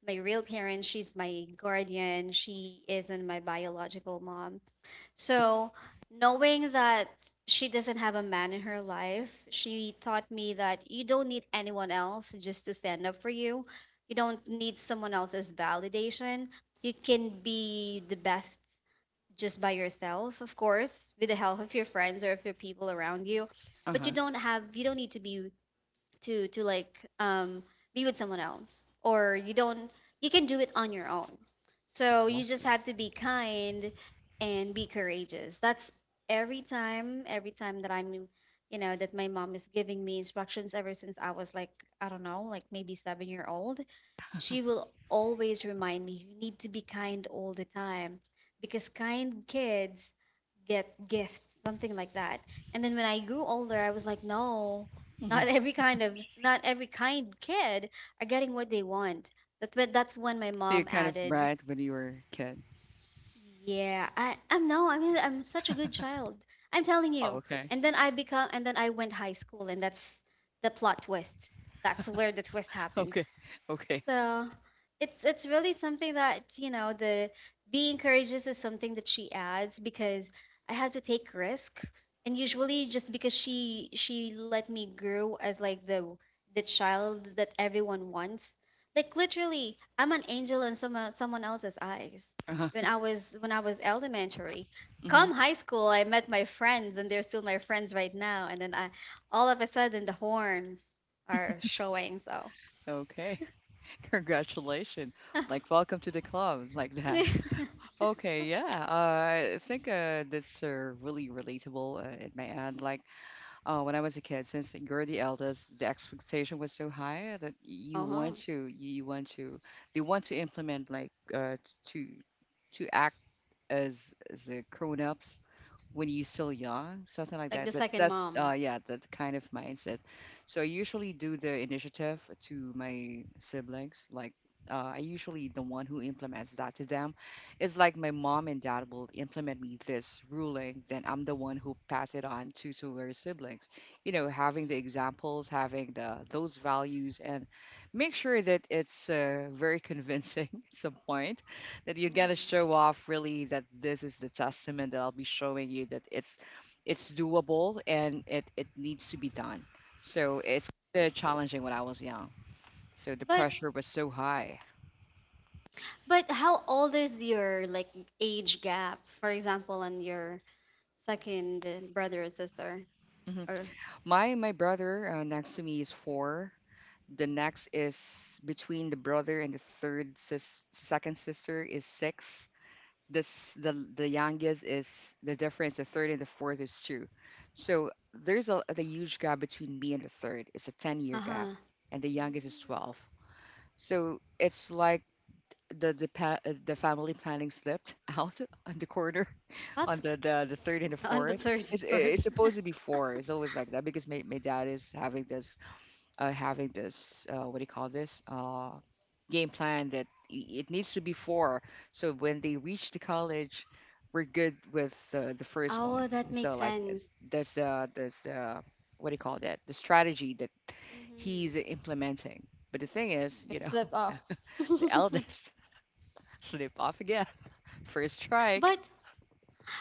Speaker 2: my real parents. She's my guardian. She isn't my biological mom, so, knowing that she doesn't have a man in her life, she taught me that you don't need anyone else just to stand up for you. You don't need someone else's validation. You can be the best just by yourself, of course, with the help of your friends or of your people around you. But you
Speaker 1: Uh-huh.
Speaker 2: don't have you don't need to be to be with someone else, or you don't, you can do it on your own. So you just
Speaker 1: Exactly.
Speaker 2: have to be kind and be courageous. That's every time that I'm that my mom is giving me instructions. Ever since I was like, I don't know, like maybe 7-year old, she will always remind me you need to be kind all the time because kind kids get gifts, something like that. And then when I grew older, I was like, no,
Speaker 1: [LAUGHS]
Speaker 2: not every kind kid are getting what they want. That's when my
Speaker 1: So you
Speaker 2: mom
Speaker 1: kind of
Speaker 2: added,
Speaker 1: bright when you were a kid.
Speaker 2: yeah, I, I'm no, I mean, I'm such a good child. I'm telling
Speaker 1: Oh,
Speaker 2: you.
Speaker 1: okay. [LAUGHS]
Speaker 2: And then I went high school, and that's the plot twist. That's where the twist happens.
Speaker 1: Okay. Okay.
Speaker 2: So it's really something, that you know. The being courageous is something that she adds because I had to take risk, and usually just because she let me grow as like the child that everyone wants. Like literally I'm an angel in someone else's eyes
Speaker 1: Uh-huh.
Speaker 2: when I was elementary.
Speaker 1: hmm
Speaker 2: Come high school, I met my friends, and they're still my friends right now. And then I, all of a sudden, the horns are showing, so…
Speaker 1: Okay. [LAUGHS] Congratulations. Like, welcome to the club, [LAUGHS] like that.
Speaker 2: [LAUGHS]
Speaker 1: Okay, yeah. I think that's really relatable at my end. Like, when I was a kid, since you're the eldest, the expectation was so high that you
Speaker 2: Uh-huh.
Speaker 1: want to, you want to, they want to implement, like, to, to act as grown-ups when you're still young, something like
Speaker 2: Like the
Speaker 1: that.
Speaker 2: second mom.
Speaker 1: Yeah, that kind of mindset. So I usually do the initiative to my siblings. Like I usually the one who implements that to them. It's like my mom and dad will implement me this ruling, then I'm the one who pass it on to their siblings. You know, having the examples, having the those values, and make sure that it's very convincing [LAUGHS] at some point that you're gonna
Speaker 2: Hmm.
Speaker 1: show off really that this is the testament that I'll be showing you that it's doable and it needs to be done. So it's kinda challenging when I was young. So the
Speaker 2: But
Speaker 1: pressure was so high.
Speaker 2: but how old is your, like, age gap? For example, on your second brother or sister
Speaker 1: Hmm
Speaker 2: or…
Speaker 1: My brother next to me is four. The next is between the brother and the third sis second sister is six. This the the youngest is the difference. The third and the fourth is two, so there's a huge gap between me and the third. It's a 10-year gap,
Speaker 2: Uh-huh.
Speaker 1: and the
Speaker 2: Hmm.
Speaker 1: youngest is 12. So it's like the family planning slipped out [LAUGHS] on the corner [LAUGHS]
Speaker 2: That's [LAUGHS]
Speaker 1: on
Speaker 2: g-
Speaker 1: the third and the
Speaker 2: on the
Speaker 1: fourth.
Speaker 2: third
Speaker 1: it's
Speaker 2: [LAUGHS] part.
Speaker 1: it's supposed to be four. It's always like that because my dad is having this what do you call this? Game plan that it needs to be four. So when they reach the college, we're good with the first one.
Speaker 2: Oh, that makes
Speaker 1: So like uh,
Speaker 2: sense.
Speaker 1: there's uh, there's uh, what do you call that? The strategy that he's
Speaker 2: Hmm.
Speaker 1: implementing. But the thing is, you
Speaker 2: It
Speaker 1: know,
Speaker 2: slipped
Speaker 1: [LAUGHS]
Speaker 2: off. [LAUGHS]
Speaker 1: the
Speaker 2: Mm-hmm.
Speaker 1: eldest [LAUGHS] slip off again, first strike.
Speaker 2: But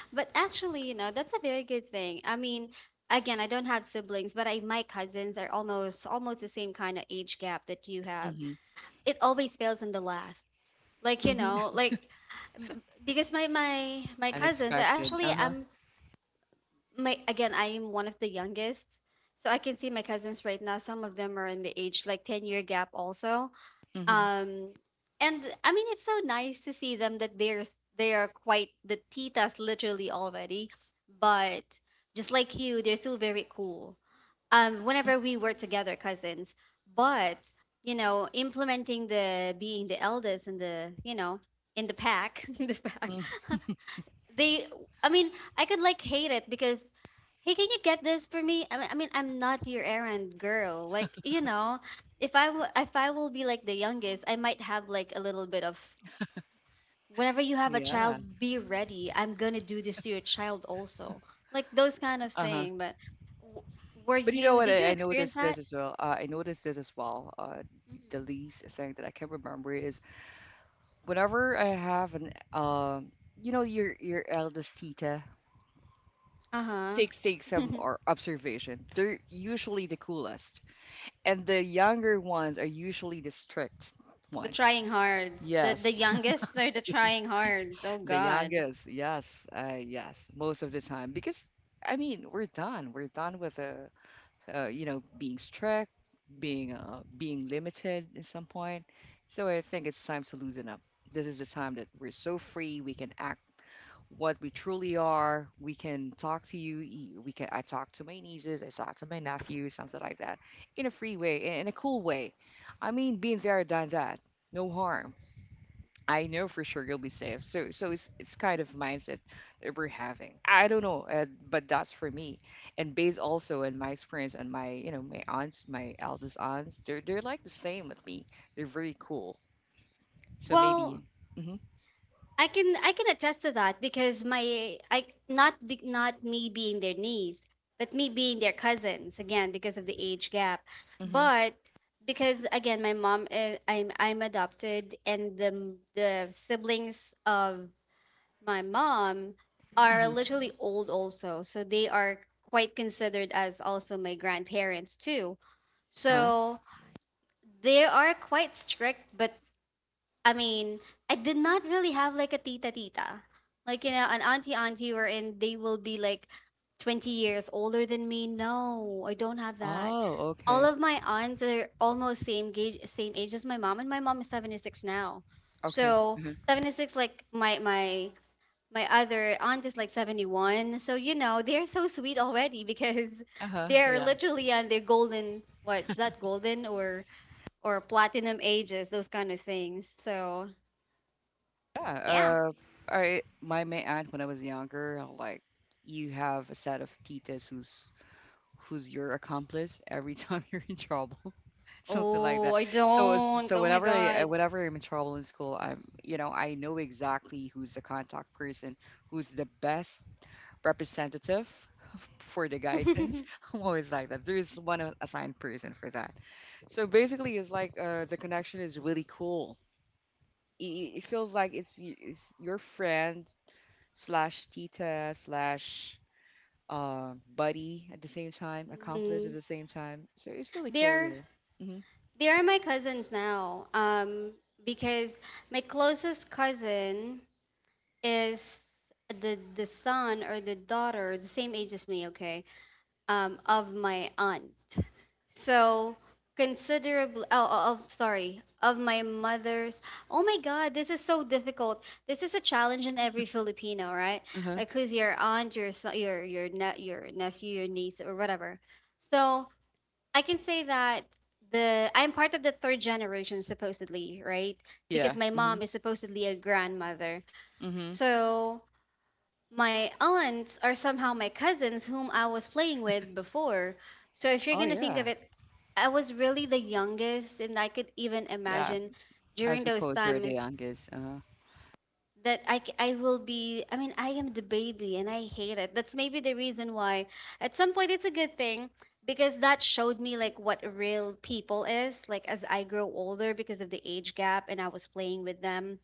Speaker 2: but actually, you know, that's a very good thing. I mean, again, I don't have siblings, but I, my cousins are almost the same kind of age gap that you have.
Speaker 1: Hmm
Speaker 2: It always fails in the last. Like you
Speaker 1: hmm
Speaker 2: know, like b- because my cousins are
Speaker 1: Unexpected.
Speaker 2: actually
Speaker 1: Uh huh.
Speaker 2: I'm, my, again, I am one of the youngest, so I can see my cousins right now. Some of them are in the age like 10 year gap also.
Speaker 1: hmm
Speaker 2: Um, and I mean it's so nice to see them that they're, they are quite the titas literally already, but just like you, they're still very cool whenever we were together cousins. But, you know, implementing the being the eldest in the, you know, in the pack, [LAUGHS] in the pack,
Speaker 1: mm
Speaker 2: [LAUGHS] they, I mean, I could like hate it because, hey, can you get this for me? I mean, I'm not your errand girl. Like, you know, if I w- if I will be like the youngest, I might have like a little bit of, whenever you have a
Speaker 1: Yeah.
Speaker 2: child, be ready, I'm gonna do this to your child also, like those kind of
Speaker 1: Uh huh.
Speaker 2: thing. But w- were
Speaker 1: But you know
Speaker 2: you?
Speaker 1: what?
Speaker 2: Did you
Speaker 1: I
Speaker 2: experience
Speaker 1: noticed this
Speaker 2: that?
Speaker 1: as well. I noticed this as well. The least thing that I can remember is whenever I have an, you know, your eldest tita
Speaker 2: Uh
Speaker 1: takes
Speaker 2: huh.
Speaker 1: some
Speaker 2: [LAUGHS]
Speaker 1: or observation. They're usually the coolest, and the younger ones are usually the strict
Speaker 2: The
Speaker 1: one.
Speaker 2: trying hards, the
Speaker 1: Yes,
Speaker 2: youngest are the trying hards. Oh
Speaker 1: [LAUGHS] the
Speaker 2: God.
Speaker 1: youngest. Yes, yes, most of the time because I mean we're done. We're done with the you know, being strict, being being limited in some point. So I think it's time to loosen up. This is the time that we're so free. We can act what we truly are. We can talk to you. We can. I talk to my nieces. I talk to my nephews. Something like that, in a free way, in a cool way. I mean, being there, done that. No harm. I know for sure you'll be safe. So it's kind of mindset that we're having. I don't know, but that's for me. And based also on my experience and my you know my aunts, my eldest aunts, they're like the same with me. They're very cool. So maybe.
Speaker 2: Well,
Speaker 1: Mhm.
Speaker 2: I can attest to that because my, I not be, not me being their niece, but me being their cousins again because of the age gap.
Speaker 1: Mhm.
Speaker 2: But because again my mom is, I'm adopted, and the siblings of my mom are
Speaker 1: Mhm.
Speaker 2: literally old also. So they are quite considered as also my grandparents too.
Speaker 1: Huh?
Speaker 2: So they are quite strict, but I mean, I did not really have like a tita tita, like you know, an auntie auntie wherein they will be like 20 years older than me. No, I don't have that.
Speaker 1: Oh,
Speaker 2: All
Speaker 1: okay.
Speaker 2: of my aunts are almost same age as my mom, and my mom is 76 now.
Speaker 1: Okay.
Speaker 2: So
Speaker 1: Uh-huh.
Speaker 2: 76, like my my other aunt is like 71. So you know, they're so sweet already because [LAUGHS]
Speaker 1: Uh-huh.
Speaker 2: they're
Speaker 1: Yeah.
Speaker 2: literally on their golden, what is that, golden or platinum ages, those kind of things. So
Speaker 1: Yeah.
Speaker 2: yeah.
Speaker 1: I my my aunt when I was younger, like you have a set of titas who's your accomplice every time [LAUGHS] you're in trouble. [LAUGHS] Something like
Speaker 2: Oh,
Speaker 1: that.
Speaker 2: I
Speaker 1: So it's-
Speaker 2: don't.
Speaker 1: so
Speaker 2: Oh my
Speaker 1: whenever I
Speaker 2: god.
Speaker 1: whenever I'm in trouble in school, I'm you know I know exactly who's the contact person, who's the best representative [LAUGHS] for the guidance.
Speaker 2: [LAUGHS]
Speaker 1: [LAUGHS] I'm always like that. There's one assigned person for that. So basically, it's like the connection is really cool. It feels like it's your friend slash tita slash buddy at the same time, accomplice at
Speaker 2: Hmm.
Speaker 1: the same time. So it's really cool, you
Speaker 2: They're,
Speaker 1: know. Hmm
Speaker 2: they are my cousins now. Because my closest cousin is the son or the daughter, the same age as me. Okay, of my aunt. So considerably, oh, oh, oh, sorry, of my mother's. Oh my God, this is so difficult. This is a challenge in every Filipino, right?
Speaker 1: Uh huh.
Speaker 2: Like who's your aunt, your so- your ne- your nephew, your niece, or whatever. So I can say that the, I'm part of the third generation supposedly, right? Because
Speaker 1: Yeah.
Speaker 2: my mom is supposedly a grandmother.
Speaker 1: Mm-hmm.
Speaker 2: So my aunts are somehow my cousins whom I was playing with before. So if you're
Speaker 1: Oh
Speaker 2: going to think
Speaker 1: yeah,
Speaker 2: of it, I was really the youngest, and I could even
Speaker 1: yeah.
Speaker 2: imagine
Speaker 1: I
Speaker 2: during those
Speaker 1: suppose you're the
Speaker 2: times
Speaker 1: youngest. Uh-huh.
Speaker 2: that I, c- I will be, I mean, I am the baby and I hate it. That's maybe the reason why at some point it's a good thing because that showed me like what real people is like as I grow older because of the age gap, and I was playing with them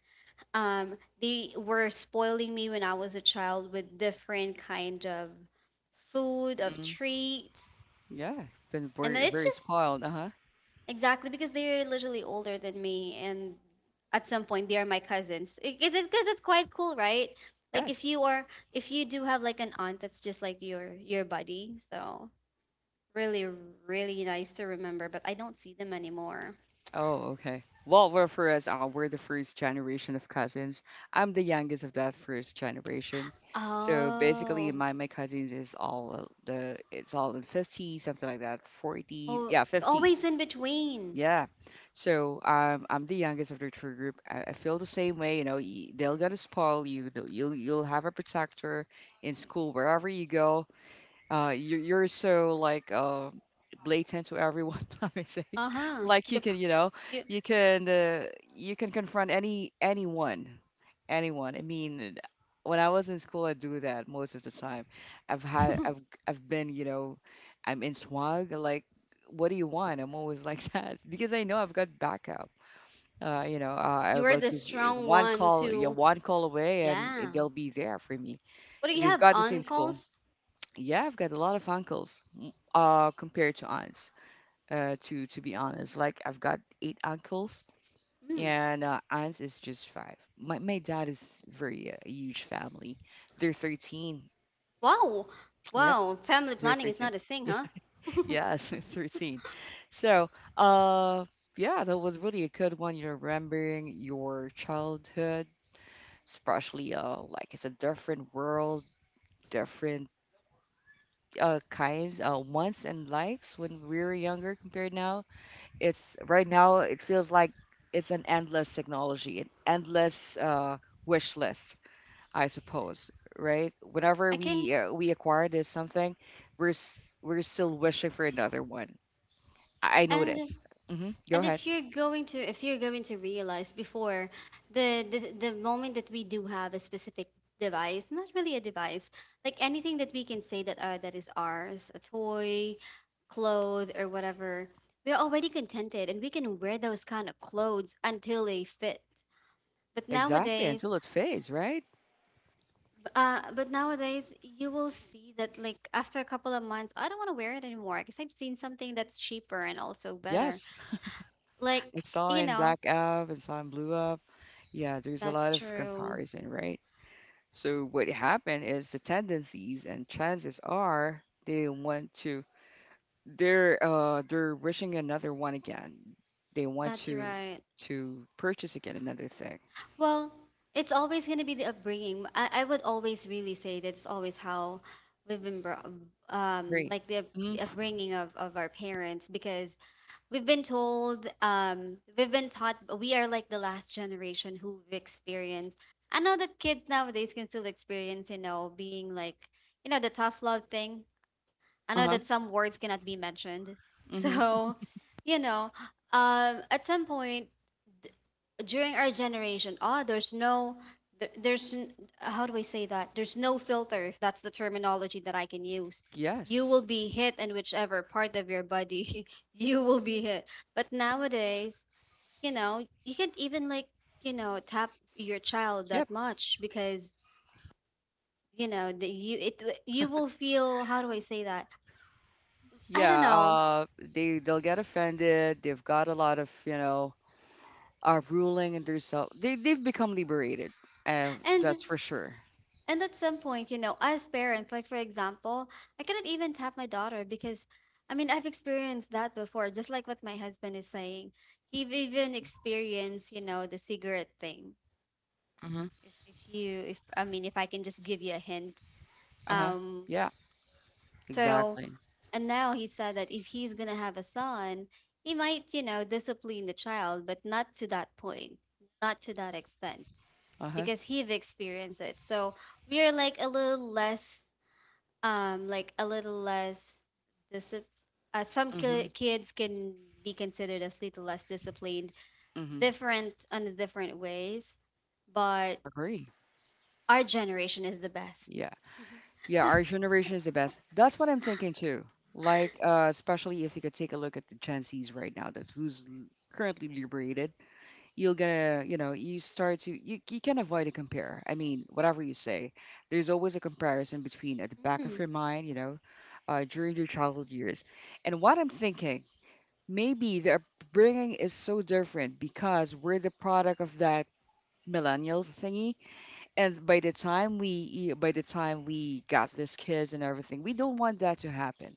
Speaker 2: they were spoiling me when I was a child with different kind of food, of
Speaker 1: hmm
Speaker 2: treats.
Speaker 1: Yeah, been
Speaker 2: And then
Speaker 1: very
Speaker 2: it's
Speaker 1: very
Speaker 2: just
Speaker 1: spoiled. Uh-huh.
Speaker 2: exactly because they're literally older than me, and at some point they are my cousins. Is it because it's quite cool, right? Like if
Speaker 1: Yes.
Speaker 2: you are, if you do have like an aunt that's just like your buddy, so really really nice to remember, but I don't see them anymore.
Speaker 1: Oh, okay. Well, well, for us, we're the first generation of cousins. I'm the youngest of that first generation. So basically,
Speaker 2: Oh,
Speaker 1: my cousins is all the it's all in 50, something like that, 40,
Speaker 2: oh,
Speaker 1: yeah, 50.
Speaker 2: always in between.
Speaker 1: Yeah. So I'm the youngest of the tour group. I feel the same way. You know, they'll gonna spoil you. You'll have a protector in school wherever you go. You're so like blatant to everyone, [LAUGHS] let me say. [LAUGHS]
Speaker 2: Uh-huh.
Speaker 1: Like
Speaker 2: The,
Speaker 1: you can, you know,
Speaker 2: p-
Speaker 1: you can uh, you can confront anyone, anyone. I mean, when I was in school, I do that most of the time. I've had
Speaker 2: you,
Speaker 1: I've
Speaker 2: [LAUGHS]
Speaker 1: I've been, you know, I'm in swag. Like, what do you want? I'm always like [LAUGHS] that because I know I've got backup. You know, I
Speaker 2: You are
Speaker 1: will
Speaker 2: the
Speaker 1: just
Speaker 2: strong
Speaker 1: one
Speaker 2: ones
Speaker 1: call, yeah,
Speaker 2: who,
Speaker 1: one call away, and
Speaker 2: yeah.
Speaker 1: they'll be there for me.
Speaker 2: What do you
Speaker 1: We've
Speaker 2: have,
Speaker 1: got the same school.
Speaker 2: uncles?
Speaker 1: Yeah, I've got a lot of uncles, compared to aunts. To be honest, like I've got 8 uncles,
Speaker 2: Hmm.
Speaker 1: and aunts is just 5. My dad is very huge family. They're 13.
Speaker 2: Wow,
Speaker 1: Yep,
Speaker 2: wow. Family
Speaker 1: they're
Speaker 2: planning is
Speaker 1: 13.
Speaker 2: not a thing,
Speaker 1: Yeah,
Speaker 2: huh?
Speaker 1: [LAUGHS]
Speaker 2: [LAUGHS]
Speaker 1: yes, [LAUGHS] 13. So, uh, yeah, that was really a good one. You're remembering your childhood, especially like it's a different world, different kinds, wants and likes when we were younger compared now. It's right now it feels like it's an endless technology, an endless wish list, I suppose, right? Whenever
Speaker 2: I can.
Speaker 1: we acquire this something, we're still wishing for another one. I
Speaker 2: And
Speaker 1: notice. Hmm Go
Speaker 2: and
Speaker 1: ahead.
Speaker 2: if you're going to, if you're going to realize before, the moment that we do have a specific device, not really a device, like anything that we can say that that is ours, a toy, clothes, or whatever, we're already contented, and we can wear those kind of clothes until they fit. But
Speaker 1: Exactly,
Speaker 2: nowadays,
Speaker 1: until it fades, right?
Speaker 2: B- uh, but nowadays you will see that like after a couple of months, I don't want to wear it anymore because I've seen something that's cheaper and also better.
Speaker 1: Yes. I
Speaker 2: Like,
Speaker 1: saw
Speaker 2: you
Speaker 1: in
Speaker 2: know,
Speaker 1: Black Up, I saw in Blue Up. Yeah, there's a
Speaker 2: that's
Speaker 1: lot of
Speaker 2: true.
Speaker 1: comparison, right? So what happened is the tendencies and chances are they're wishing another one again. They want
Speaker 2: That's right.
Speaker 1: to purchase again another thing.
Speaker 2: Well, it's always going to be the upbringing. I would always really say that's always how we've been brought,
Speaker 1: Great.
Speaker 2: like the up-
Speaker 1: Hmm
Speaker 2: upbringing of our parents because we've been told, we've been taught we are like the last generation who've experienced. I know that kids nowadays can still experience, you know, being like, you know, the tough love thing. I know
Speaker 1: Uh-huh.
Speaker 2: that some words cannot be mentioned. [LAUGHS]
Speaker 1: hmm
Speaker 2: So, you know, at some point, during our generation, ah, there's no, there, there's, n- how do I say that? There's no filter, if that's the terminology that I can use. You
Speaker 1: Yes.
Speaker 2: will be hit in whichever part of your body [LAUGHS] you will be hit. But nowadays, you know, you can't even like, you know, tap your child
Speaker 1: Yep.
Speaker 2: that much because, you know, the, you, it, you will feel, how do I say that? I
Speaker 1: Yeah.
Speaker 2: don't know.
Speaker 1: They they'll get offended. They've got a lot of you know ruling and their self. They've become liberated. Uh,
Speaker 2: And
Speaker 1: that's for sure.
Speaker 2: And at some point, you know, as parents, like for example, I cannot even tap my daughter because I mean, I've experienced that before, just like what my husband is saying. He've even experienced, you know, the cigarette thing.
Speaker 1: hmm
Speaker 2: If you if I mean, if I can just give you a hint.
Speaker 1: Uh-huh.
Speaker 2: Um,
Speaker 1: Yeah.
Speaker 2: so
Speaker 1: Exactly.
Speaker 2: and now he said that if he's going to have a son, he might, you know, discipline the child, but not to that point, not to that extent
Speaker 1: Uh-huh.
Speaker 2: because he've experienced it. So we are like a little less um, like a little less disciplined, some
Speaker 1: hmm
Speaker 2: ki- kids can be considered as little less disciplined,
Speaker 1: hmm
Speaker 2: different on the different ways, but
Speaker 1: Agree.
Speaker 2: our generation is the best.
Speaker 1: Yeah. Yeah, our
Speaker 2: [LAUGHS]
Speaker 1: generation is the best. That's what I'm thinking too. Like, especially if you could take a look at the Gen Zs right now, that's currently liberated. You're gonna, you know, you start to, you can avoid a compare. I mean, whatever you say, there's always a comparison between at the back of
Speaker 2: Mhm.
Speaker 1: your mind, during your childhood years. And what I'm thinking, maybe the upbringing is so different because we're the product of that millennials thingy. And by the time by the time we got these kids and everything, we don't want that to happen.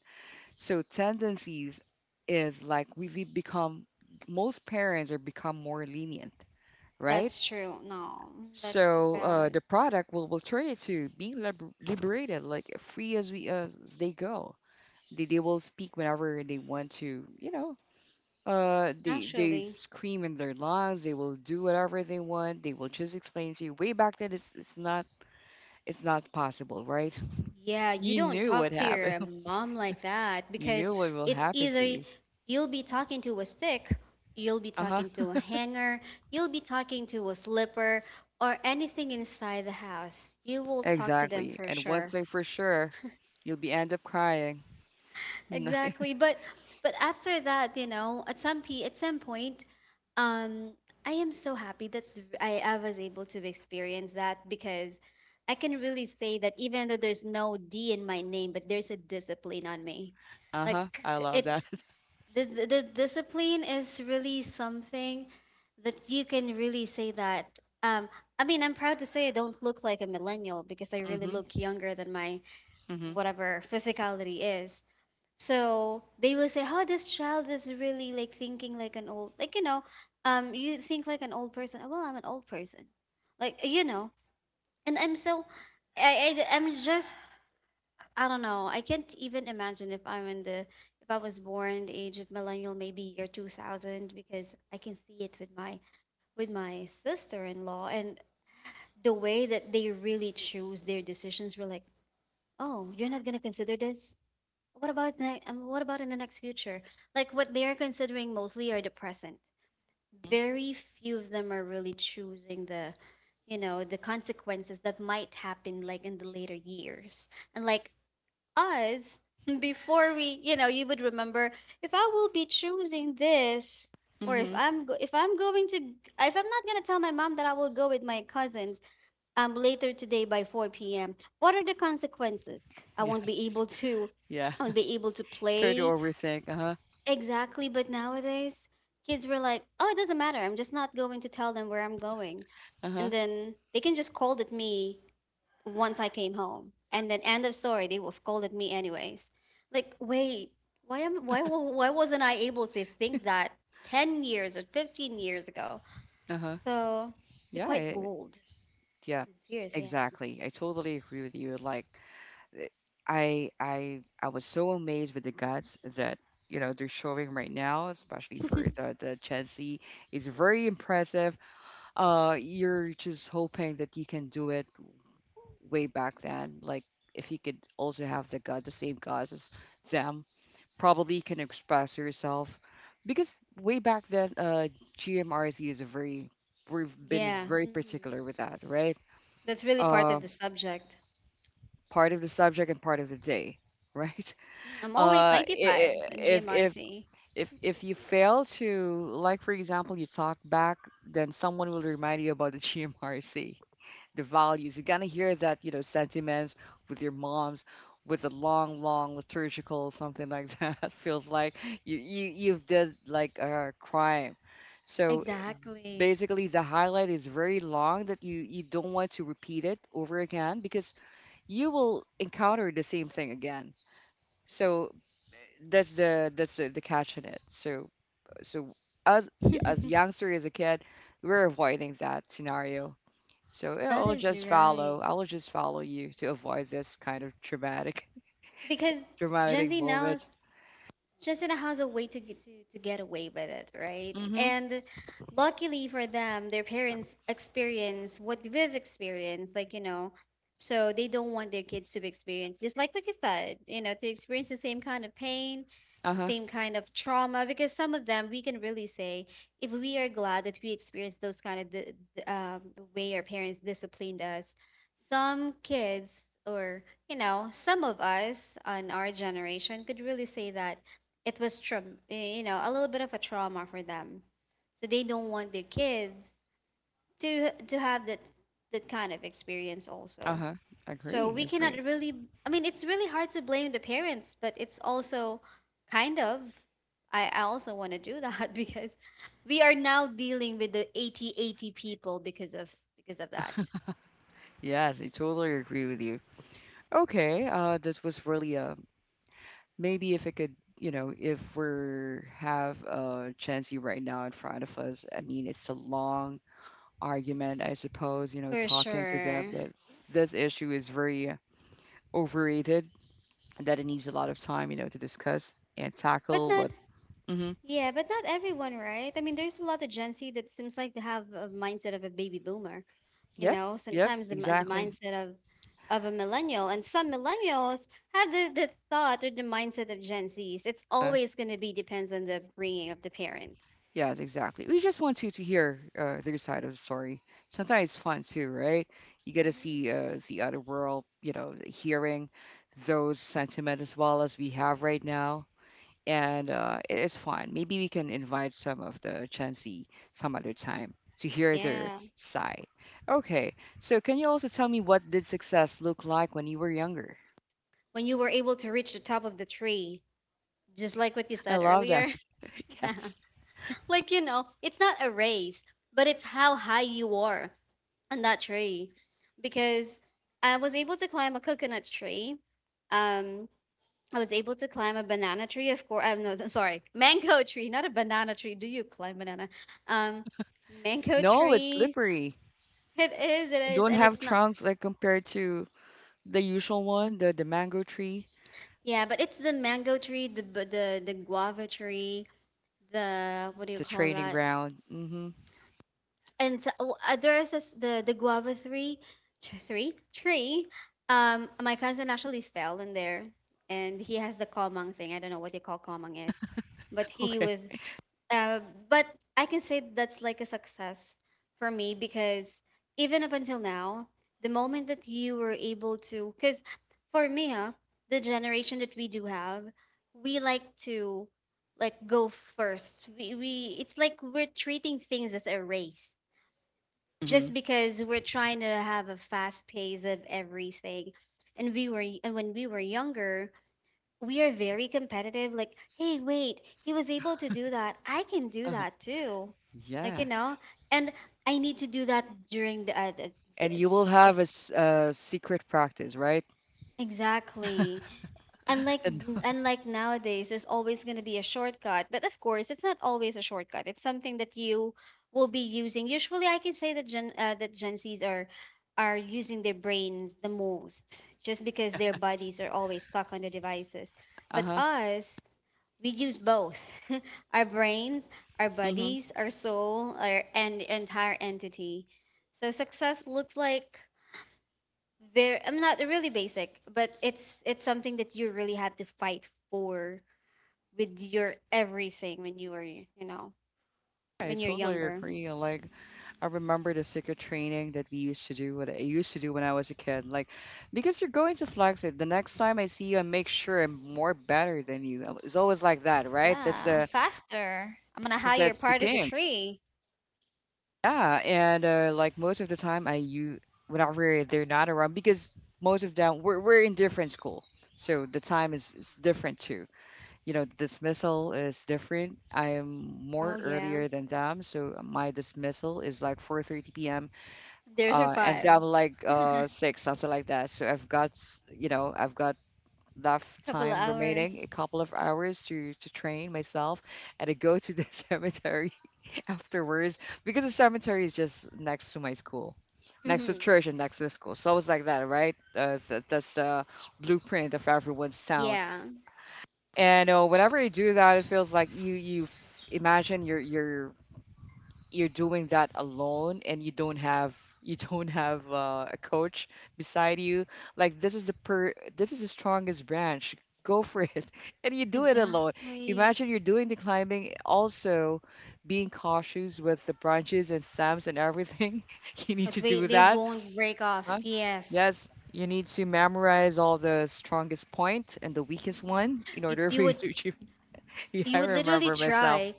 Speaker 1: So tendencies is like we become, most parents are become more lenient, right?
Speaker 2: That's true. No, that's too
Speaker 1: So
Speaker 2: bad.
Speaker 1: the product will turn it to being liberated, like free. As they go, they will speak whenever they want to, you know. They
Speaker 2: Actually,
Speaker 1: scream in their lungs, they will do whatever they want, they will just explain to you. Way back then, it's not possible, right?
Speaker 2: yeah,
Speaker 1: [LAUGHS]
Speaker 2: you
Speaker 1: You
Speaker 2: don't
Speaker 1: knew
Speaker 2: talk
Speaker 1: what
Speaker 2: to
Speaker 1: happened.
Speaker 2: your
Speaker 1: [LAUGHS]
Speaker 2: mom like that
Speaker 1: You
Speaker 2: because
Speaker 1: knew what will
Speaker 2: it's
Speaker 1: happen to
Speaker 2: either
Speaker 1: you.
Speaker 2: you'll be talking to a stick, you'll be
Speaker 1: Uh huh.
Speaker 2: talking to a hanger, you'll be talking to a slipper, or anything inside the house. You will talk to them
Speaker 1: Exactly.
Speaker 2: for
Speaker 1: And one
Speaker 2: sure.
Speaker 1: thing for sure, you'll be end up crying. [LAUGHS] uh
Speaker 2: Exactly. But after that, you know, at some p at some point, um, I am so happy that th- I was able to experience that because I can really say that even though there's no D in my name, but there's a discipline on me.
Speaker 1: huh.
Speaker 2: Like
Speaker 1: I love that.
Speaker 2: it's the discipline is really something that you can really say that. Um, I mean, I'm proud to say I don't look like a millennial because I
Speaker 1: [LAUGHS]
Speaker 2: really
Speaker 1: Mhm.
Speaker 2: look younger than my
Speaker 1: Mhm.
Speaker 2: whatever physicality is. So they will say, "Oh, this child is really like thinking like an old, like you think like an old person." "Oh, well, I'm an old person, like and I'm so, I'm just, I don't know. I can't even imagine if I was born the age of millennial, maybe year 2000, because I can see it with my sister-in-law and the way that they really choose their decisions. We're like, "Oh, you're not gonna consider this? What about in the next future? Like what they are considering mostly are the present. Very few of them are really choosing the consequences that might happen like in the later years. And like us, [LAUGHS] before we, you would remember if I will be choosing this, or if
Speaker 1: Mhm.
Speaker 2: I'm go- if I'm going to if I'm not gonna tell my mom that I will go with my cousins later today by 4 p.m. What are the consequences? I won't be
Speaker 1: Yes.
Speaker 2: able to,
Speaker 1: Yeah.
Speaker 2: I won't be able to
Speaker 1: [LAUGHS] Start to
Speaker 2: play
Speaker 1: overthink. Uh huh.
Speaker 2: exactly. But nowadays, kids were like, oh, it doesn't matter. I'm just not going to tell them where I'm going,
Speaker 1: Uh
Speaker 2: and
Speaker 1: huh.
Speaker 2: then they can just scold at me once I came home, and then end of story. They will scold at me anyways. Like, wait, why am why wa- why wasn't I able to think that 10 years or 15 years ago?
Speaker 1: Uh huh.
Speaker 2: So they're
Speaker 1: Yeah.
Speaker 2: quite
Speaker 1: It,
Speaker 2: bold
Speaker 1: yeah.
Speaker 2: and fierce, yeah.
Speaker 1: Exactly. I totally agree with you. Like. th- I was so amazed with the guts that, you know, they're showing right now, especially for
Speaker 2: [LAUGHS]
Speaker 1: the Chelsea. It's very impressive. You're just hoping that you can do it way back then. Like if you could also have the gut, the same guts as them, probably you can express yourself. Because way back then, GMRC is a very, we've been
Speaker 2: Yeah,
Speaker 1: very
Speaker 2: mhm.
Speaker 1: particular with that, right?
Speaker 2: That's really part
Speaker 1: Uh,
Speaker 2: of the subject.
Speaker 1: Part of the subject and part of the day, [LAUGHS] right?
Speaker 2: I'm always
Speaker 1: uh i-
Speaker 2: 95
Speaker 1: i-
Speaker 2: in
Speaker 1: if if
Speaker 2: GMRC.
Speaker 1: if you fail to, like for example, you talk back, then someone will remind you about the [LAUGHS] GMRC, the values. You're gonna hear that, you know, sentiments with your moms, with the long long liturgical something like that. [LAUGHS] Feels like you, you've did like a crime. so eh,
Speaker 2: Exactly.
Speaker 1: Basically the highlight is very long that you don't want to repeat it over again, because you will encounter the same thing again. So that's the catch in it. So as
Speaker 2: [LAUGHS]
Speaker 1: youngster, as a kid, we're avoiding that scenario. So yeah,
Speaker 2: That
Speaker 1: I'll
Speaker 2: is
Speaker 1: just
Speaker 2: right.
Speaker 1: follow. I will just follow you to avoid this kind of traumatic
Speaker 2: Because
Speaker 1: [LAUGHS]
Speaker 2: Gen
Speaker 1: traumatic
Speaker 2: Z now
Speaker 1: moment.
Speaker 2: is Justin has a way to get away with it, right?
Speaker 1: Mm-hmm.
Speaker 2: And luckily for them, their parents experience what we've experienced, like, so they don't want their kids to experience just like what you said, to experience the same kind of pain, the
Speaker 1: Uh-huh.
Speaker 2: same kind of trauma. Because some of them, we can really say, if we are glad that we experienced those kind of the way our parents disciplined us, some kids or, some of us on our generation could really say that it was a little bit of a trauma for them, so they don't want their kids to have that kind of experience also.
Speaker 1: Uh-huh.
Speaker 2: So
Speaker 1: Agree.
Speaker 2: we cannot
Speaker 1: Agree.
Speaker 2: really, I mean, it's really hard to blame the parents, but it's also kind of, I also want to do that, [LAUGHS] because we are now dealing with the 80 80 people because of that.
Speaker 1: Yes, I totally agree with you. Okay. This was really maybe if it could. You know, if we're have Chansey right now in front of us, I mean, it's a long argument, I suppose, you know,
Speaker 2: For
Speaker 1: talking to them
Speaker 2: sure.
Speaker 1: that this issue is very overrated, and that it needs a lot of time, you know, to discuss and
Speaker 2: but
Speaker 1: tackle
Speaker 2: not
Speaker 1: what. Hmm.
Speaker 2: yeah but not everyone, right? I mean, there's a lot of gen z that seems like they have a mindset of a baby boomer,
Speaker 1: Yep. Yep.
Speaker 2: sometimes the
Speaker 1: Exactly.
Speaker 2: mindset of a millennial, and some millennials have the thought or the mindset of gen z's. It's
Speaker 1: Uh,
Speaker 2: always going to be depends on the bringing of the parents.
Speaker 1: yes, exactly. We just want you to hear their side of the story. Sometimes it's fun too, right? You get to see
Speaker 2: Hmm.
Speaker 1: the other world, you know, hearing those sentiment as well as we have right now. And it is fun. Maybe we can invite some of the Gen Z some other time to hear their
Speaker 2: Yeah.
Speaker 1: side. Okay, so can you also tell me what did success look like when you were younger?
Speaker 2: When you were able to reach the top of the tree, just like what you
Speaker 1: I
Speaker 2: said
Speaker 1: love that.
Speaker 2: earlier.
Speaker 1: [LAUGHS] Yes.
Speaker 2: [LAUGHS] Like it's not a race, but it's how high you are on that tree, because I was able to climb a coconut tree. um I was able to climb a banana tree. Of course, I'm no, sorry, mango tree, not a banana tree. Do you climb banana? Um, mango
Speaker 1: No, it's
Speaker 2: trees.
Speaker 1: slippery.
Speaker 2: It is,
Speaker 1: Don't
Speaker 2: and
Speaker 1: have
Speaker 2: it's not.
Speaker 1: trunks like compared to the usual one, the mango tree,
Speaker 2: Yeah, but it's the mango tree, the guava tree, the what do you
Speaker 1: the
Speaker 2: call
Speaker 1: training
Speaker 2: that?
Speaker 1: ground. Mm-hmm. [LAUGHS]
Speaker 2: And so, oh, there's this, the guava tree, three tree. My cousin actually fell in there, and he has the komang thing. I don't know what you call komang is, but he
Speaker 1: Okay.
Speaker 2: was. Uh, but I can say that's like a success for me, because even up until now, the moment that you were able to, because for me, huh, the generation that we do have, we like to, like, go first. We it's like we're treating things as a race,
Speaker 1: Hmm.
Speaker 2: just because we're trying to have a fast pace of everything. And we were and when we were younger, we are very competitive, like, hey wait, he was able to do that, I can do
Speaker 1: Uh-huh.
Speaker 2: that too, like
Speaker 1: Yeah,
Speaker 2: and I need to do that during the
Speaker 1: and you
Speaker 2: this
Speaker 1: will have
Speaker 2: if-
Speaker 1: a secret practice, right?
Speaker 2: exactly.
Speaker 1: [LAUGHS]
Speaker 2: unlike
Speaker 1: And
Speaker 2: unlike nowadays, there's always going to be a shortcut, but of course it's not always a shortcut, it's something that you will be using. Usually I can say that gen z's are using their brains the most, just because their
Speaker 1: those-
Speaker 2: bodies are always stuck on the devices, but
Speaker 1: uh-huh.
Speaker 2: us, we use both, [LAUGHS] our brains, our bodies, our soul, our and entire entity. So success looks like, very, I'm not really basic, but it's something that you really had to fight for with your everything
Speaker 1: I
Speaker 2: when you're
Speaker 1: totally
Speaker 2: younger.
Speaker 1: agree. Like I remember the secret training that we used to do, what I used to do when I was a kid. Like because you're going to flex it. The next time I see you, I make sure I'm more better than you. It's always like that, right?
Speaker 2: Yeah, faster. I'm gonna hire
Speaker 1: That's the
Speaker 2: part of the
Speaker 1: game.
Speaker 2: tree.
Speaker 1: Yeah, and like most of the time, I you whenever they're not around, because most of them we're in different school, so the time is different too. You know, dismissal is different. I am
Speaker 2: Oh
Speaker 1: more
Speaker 2: yeah.
Speaker 1: earlier than them, so my dismissal is like 4:30 p.m.
Speaker 2: There's your
Speaker 1: And
Speaker 2: five.
Speaker 1: I'm like six, something like that. So I've got, you know, I've got enough
Speaker 2: Couple of
Speaker 1: time remaining,
Speaker 2: hours.
Speaker 1: a couple of hours to train myself, and to go to the [LAUGHS] cemetery [LAUGHS] afterwards, because the cemetery is just next to my school, next to
Speaker 2: Hmm.
Speaker 1: church and next to the school. So it's like that, right? That's the blueprint of everyone's town.
Speaker 2: Yeah.
Speaker 1: And whenever you do that, it feels like imagine your, you're doing that alone, and you don't have [LAUGHS] you don't have a coach beside you. Like this is the per this is the strongest branch, go for it. [LAUGHS] And you do it alone.
Speaker 2: Exactly.
Speaker 1: Imagine you're doing the climbing also, being cautious with the branches and stems and everything. [LAUGHS] You need
Speaker 2: But
Speaker 1: to do
Speaker 2: wait, they
Speaker 1: that.
Speaker 2: won't break off.
Speaker 1: Huh?
Speaker 2: Yes.
Speaker 1: Yes, you need to memorize all the strongest point and the weakest
Speaker 2: Hmm.
Speaker 1: one in
Speaker 2: You,
Speaker 1: order [LAUGHS]
Speaker 2: you
Speaker 1: for you
Speaker 2: would
Speaker 1: to achieve. [LAUGHS] Yeah,
Speaker 2: you
Speaker 1: I
Speaker 2: would literally
Speaker 1: remember myself.
Speaker 2: try.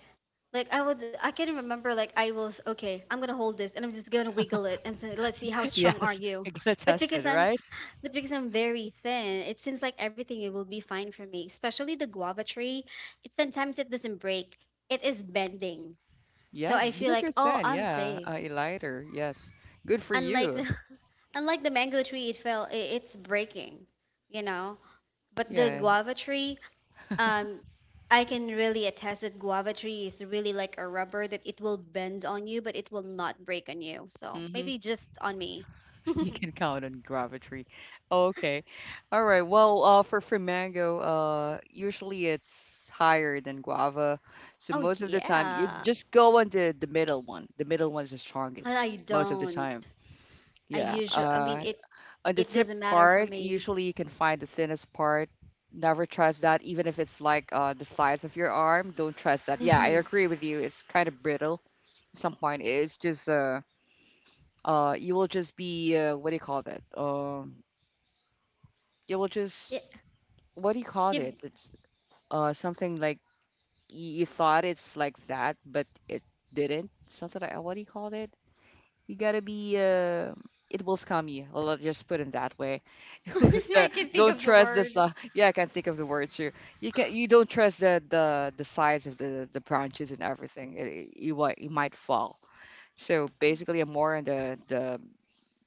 Speaker 2: Like I can remember, like I was okay, I'm gonna hold this and I'm just gonna wiggle it and say, let's see how
Speaker 1: [LAUGHS]
Speaker 2: strong are
Speaker 1: Yes,
Speaker 2: you.
Speaker 1: you gotta
Speaker 2: But
Speaker 1: test
Speaker 2: because
Speaker 1: it,
Speaker 2: I'm
Speaker 1: right?
Speaker 2: but because I'm very thin, it seems like everything, it will be fine for me. Especially the guava tree. It sometimes it doesn't break. It is bending. So
Speaker 1: Yeah,
Speaker 2: I feel
Speaker 1: because you're
Speaker 2: like, oh,
Speaker 1: thin.
Speaker 2: I'm
Speaker 1: Yeah,
Speaker 2: safe.
Speaker 1: a lighter. Yes, good for
Speaker 2: Unlike
Speaker 1: you.
Speaker 2: the, [LAUGHS] unlike the mango tree, it's breaking, you know. But the
Speaker 1: Yeah,
Speaker 2: guava tree. Um, I can really attest that guava tree is really like a rubber, that it will bend on you, but it will not break on you. So
Speaker 1: mm-hmm.
Speaker 2: maybe just on me. [LAUGHS]
Speaker 1: [LAUGHS] You can count on gravity. Okay, all right. Well, for mango, usually it's higher than guava. So
Speaker 2: Oh
Speaker 1: most of the time, you
Speaker 2: yeah.
Speaker 1: just go on the middle one. The middle one is the
Speaker 2: I
Speaker 1: strongest
Speaker 2: I
Speaker 1: most of the
Speaker 2: don't.
Speaker 1: time.
Speaker 2: I
Speaker 1: Yeah.
Speaker 2: usually, I mean, it
Speaker 1: On the
Speaker 2: it
Speaker 1: tip
Speaker 2: doesn't matter for
Speaker 1: part,
Speaker 2: me.
Speaker 1: usually you can find the thinnest part. Never trust that, even if it's like the size of your arm. Don't trust that. Yeah, I
Speaker 2: Hmm.
Speaker 1: agree with you. It's kind of brittle. At some point it's just you will just be what do you call that? You will
Speaker 2: Yeah,
Speaker 1: just what do you call it?
Speaker 2: you've,
Speaker 1: It's something like you thought it's like that, but it didn't. Something like what do you call it? You gotta be. It will scam you. I'll just put it that way. [LAUGHS]
Speaker 2: [LAUGHS]
Speaker 1: The,
Speaker 2: I can think
Speaker 1: don't
Speaker 2: of the
Speaker 1: trust
Speaker 2: word.
Speaker 1: Yeah, I can't think of the word too. You can. You don't trust the size of the branches and everything. You might fall. So basically, I'm more in the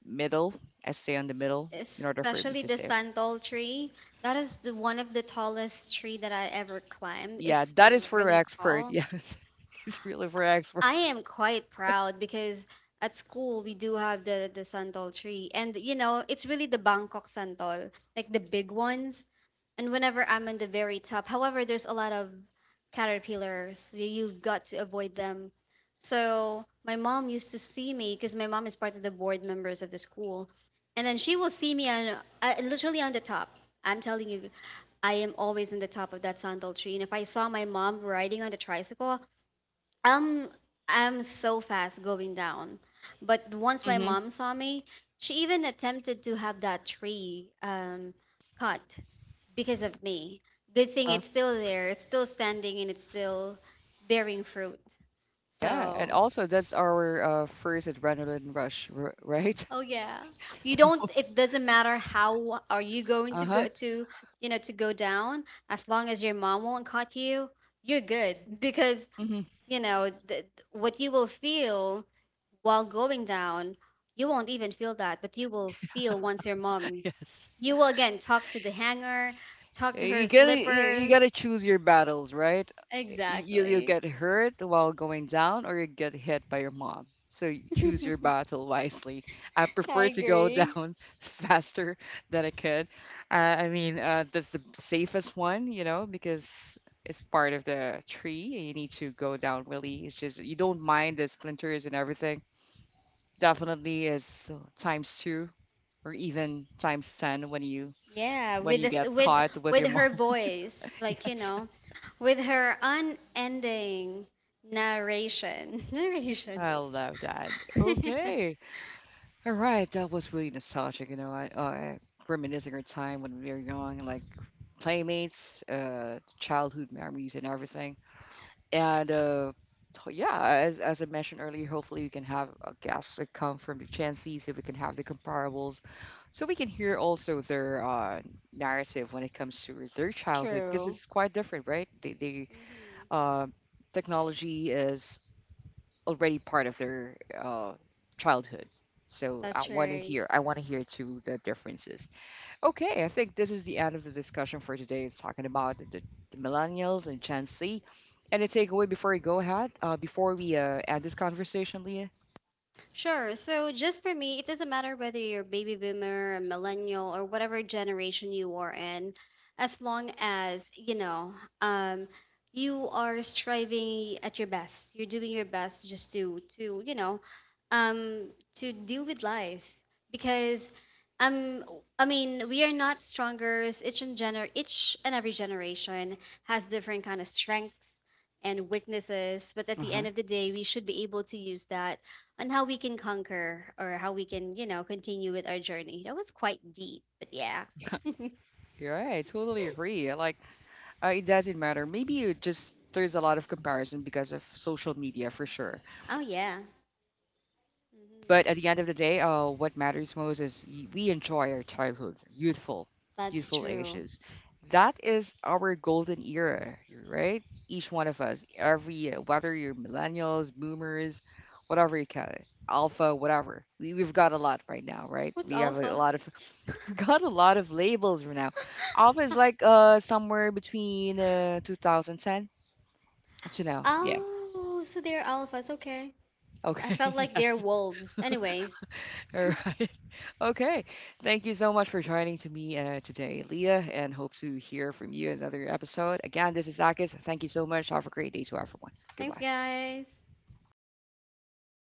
Speaker 1: middle. I stay on the middle in order for me
Speaker 2: Especially
Speaker 1: to
Speaker 2: the
Speaker 1: save.
Speaker 2: santol tree. That is the one of the tallest tree that I ever climbed.
Speaker 1: Yeah,
Speaker 2: It's
Speaker 1: that is for
Speaker 2: really
Speaker 1: expert. [LAUGHS]
Speaker 2: tall.
Speaker 1: Yes, it's really for expert.
Speaker 2: I am quite proud because at school we do have the santol tree, and it's really the Bangkok santol, like the big ones. And whenever I'm on the very top, however, there's a lot of caterpillars, you've got to avoid them, so my mom used to see me, because my mom is part of the board members of the school, and then she will see me on literally on the top. I'm telling you, I am always on the top of that sandal tree, and if I saw my mom riding on the tricycle, um, I'm so fast going down. But once my
Speaker 1: Mm-hmm.
Speaker 2: mom saw me, she even attempted to have that tree cut, because of me. Good thing
Speaker 1: Uh,
Speaker 2: it's still there. It's still standing, and it's still bearing fruit.
Speaker 1: yeah, and
Speaker 2: So,
Speaker 1: also that's our first adrenaline rush, right?
Speaker 2: oh yeah.
Speaker 1: [LAUGHS]
Speaker 2: You
Speaker 1: That's the
Speaker 2: don't
Speaker 1: most.
Speaker 2: It doesn't matter how are you going
Speaker 1: Uh
Speaker 2: to
Speaker 1: huh.
Speaker 2: go to, go down, as long as your mom won't cut you, you're good, [LAUGHS] because,
Speaker 1: Hmm.
Speaker 2: you know, th- what you will feel while going down, you won't even feel that, but you will feel once your mom.
Speaker 1: [LAUGHS] Yes.
Speaker 2: You will again talk to the hanger, talk to her
Speaker 1: You gotta you
Speaker 2: slippers.
Speaker 1: gotta choose your battles, right? You, you'll
Speaker 2: Exactly.
Speaker 1: get hurt while going down, or you get hit by your mom. So you choose your
Speaker 2: [LAUGHS]
Speaker 1: battle wisely. I
Speaker 2: I
Speaker 1: prefer to go
Speaker 2: agree.
Speaker 1: down [LAUGHS] faster than I could. Uh, I mean, that's the safest one, you know, because it's part of the tree. And you need to go down, really. It's just you don't mind the splinters and everything. Definitely is times two or even times ten when you
Speaker 2: Yeah, with this,
Speaker 1: get
Speaker 2: with
Speaker 1: caught with
Speaker 2: with
Speaker 1: your
Speaker 2: her
Speaker 1: mom.
Speaker 2: voice,
Speaker 1: [LAUGHS]
Speaker 2: like,
Speaker 1: Yes,
Speaker 2: with her unending narration, [LAUGHS] narration.
Speaker 1: I love that.
Speaker 2: [LAUGHS]
Speaker 1: Okay, all right, that was really nostalgic. You know, I reminiscing our time when we were young, like playmates, childhood memories, and everything. And so, yeah, as I mentioned earlier, hopefully we can have a guest that come from the chances if we can have the comparables, so we can hear also their narrative when it comes to their childhood, because
Speaker 2: True.
Speaker 1: it's quite different, right? They
Speaker 2: Mhm.
Speaker 1: uh, technology is already part of their childhood. So I
Speaker 2: That's
Speaker 1: want to
Speaker 2: right.
Speaker 1: hear. I want to hear too the differences. Okay, I think this is the end of the discussion for today. It's talking about the millennials and Gen Z. Any takeaway before we go ahead? Before we end this conversation, Leah.
Speaker 2: Sure. So just for me, it doesn't matter whether you're baby boomer, a millennial, or whatever generation you are in, as long as, um, you are striving at your best. You're doing your best just um, to deal with life. Because um I mean, we are not stronger. Each and every generation has different kind of strengths and weaknesses, but at
Speaker 1: Uh
Speaker 2: the
Speaker 1: huh.
Speaker 2: end
Speaker 1: [LAUGHS]
Speaker 2: of the day, we should be able to use that on how we can conquer or how we can, continue with our journey. That was quite deep, but yeah.
Speaker 1: Yeah,
Speaker 2: [LAUGHS]
Speaker 1: right. I totally agree. Like it doesn't matter. Maybe it just there's a lot of comparison because of social media for sure.
Speaker 2: Oh, yeah. Hmm.
Speaker 1: But at the end of the day, what matters most is we enjoy our childhood, youthful,
Speaker 2: That's
Speaker 1: youthful
Speaker 2: true.
Speaker 1: ages. That is our golden era, right? Each one of us, every whether you're millennials, boomers, whatever you call it, alpha, whatever. We've got a lot right now, right?
Speaker 2: What's
Speaker 1: We have a
Speaker 2: alpha?
Speaker 1: lot of [LAUGHS] we got a lot of labels right now. Alpha is
Speaker 2: Huh.
Speaker 1: like somewhere between 2010 to now. Yeah.
Speaker 2: Oh, so they're alphas. Okay. I
Speaker 1: Okay.
Speaker 2: felt
Speaker 1: [LAUGHS]
Speaker 2: like they're
Speaker 1: Yes.
Speaker 2: wolves. Anyways,
Speaker 1: All right. Okay. Thank you so much for joining to me today, Leah, and hope to hear from you in another episode. Again, this is Akis. Thank you so much. Have a great day to everyone.
Speaker 2: thanks,
Speaker 1: Goodbye.
Speaker 2: guys.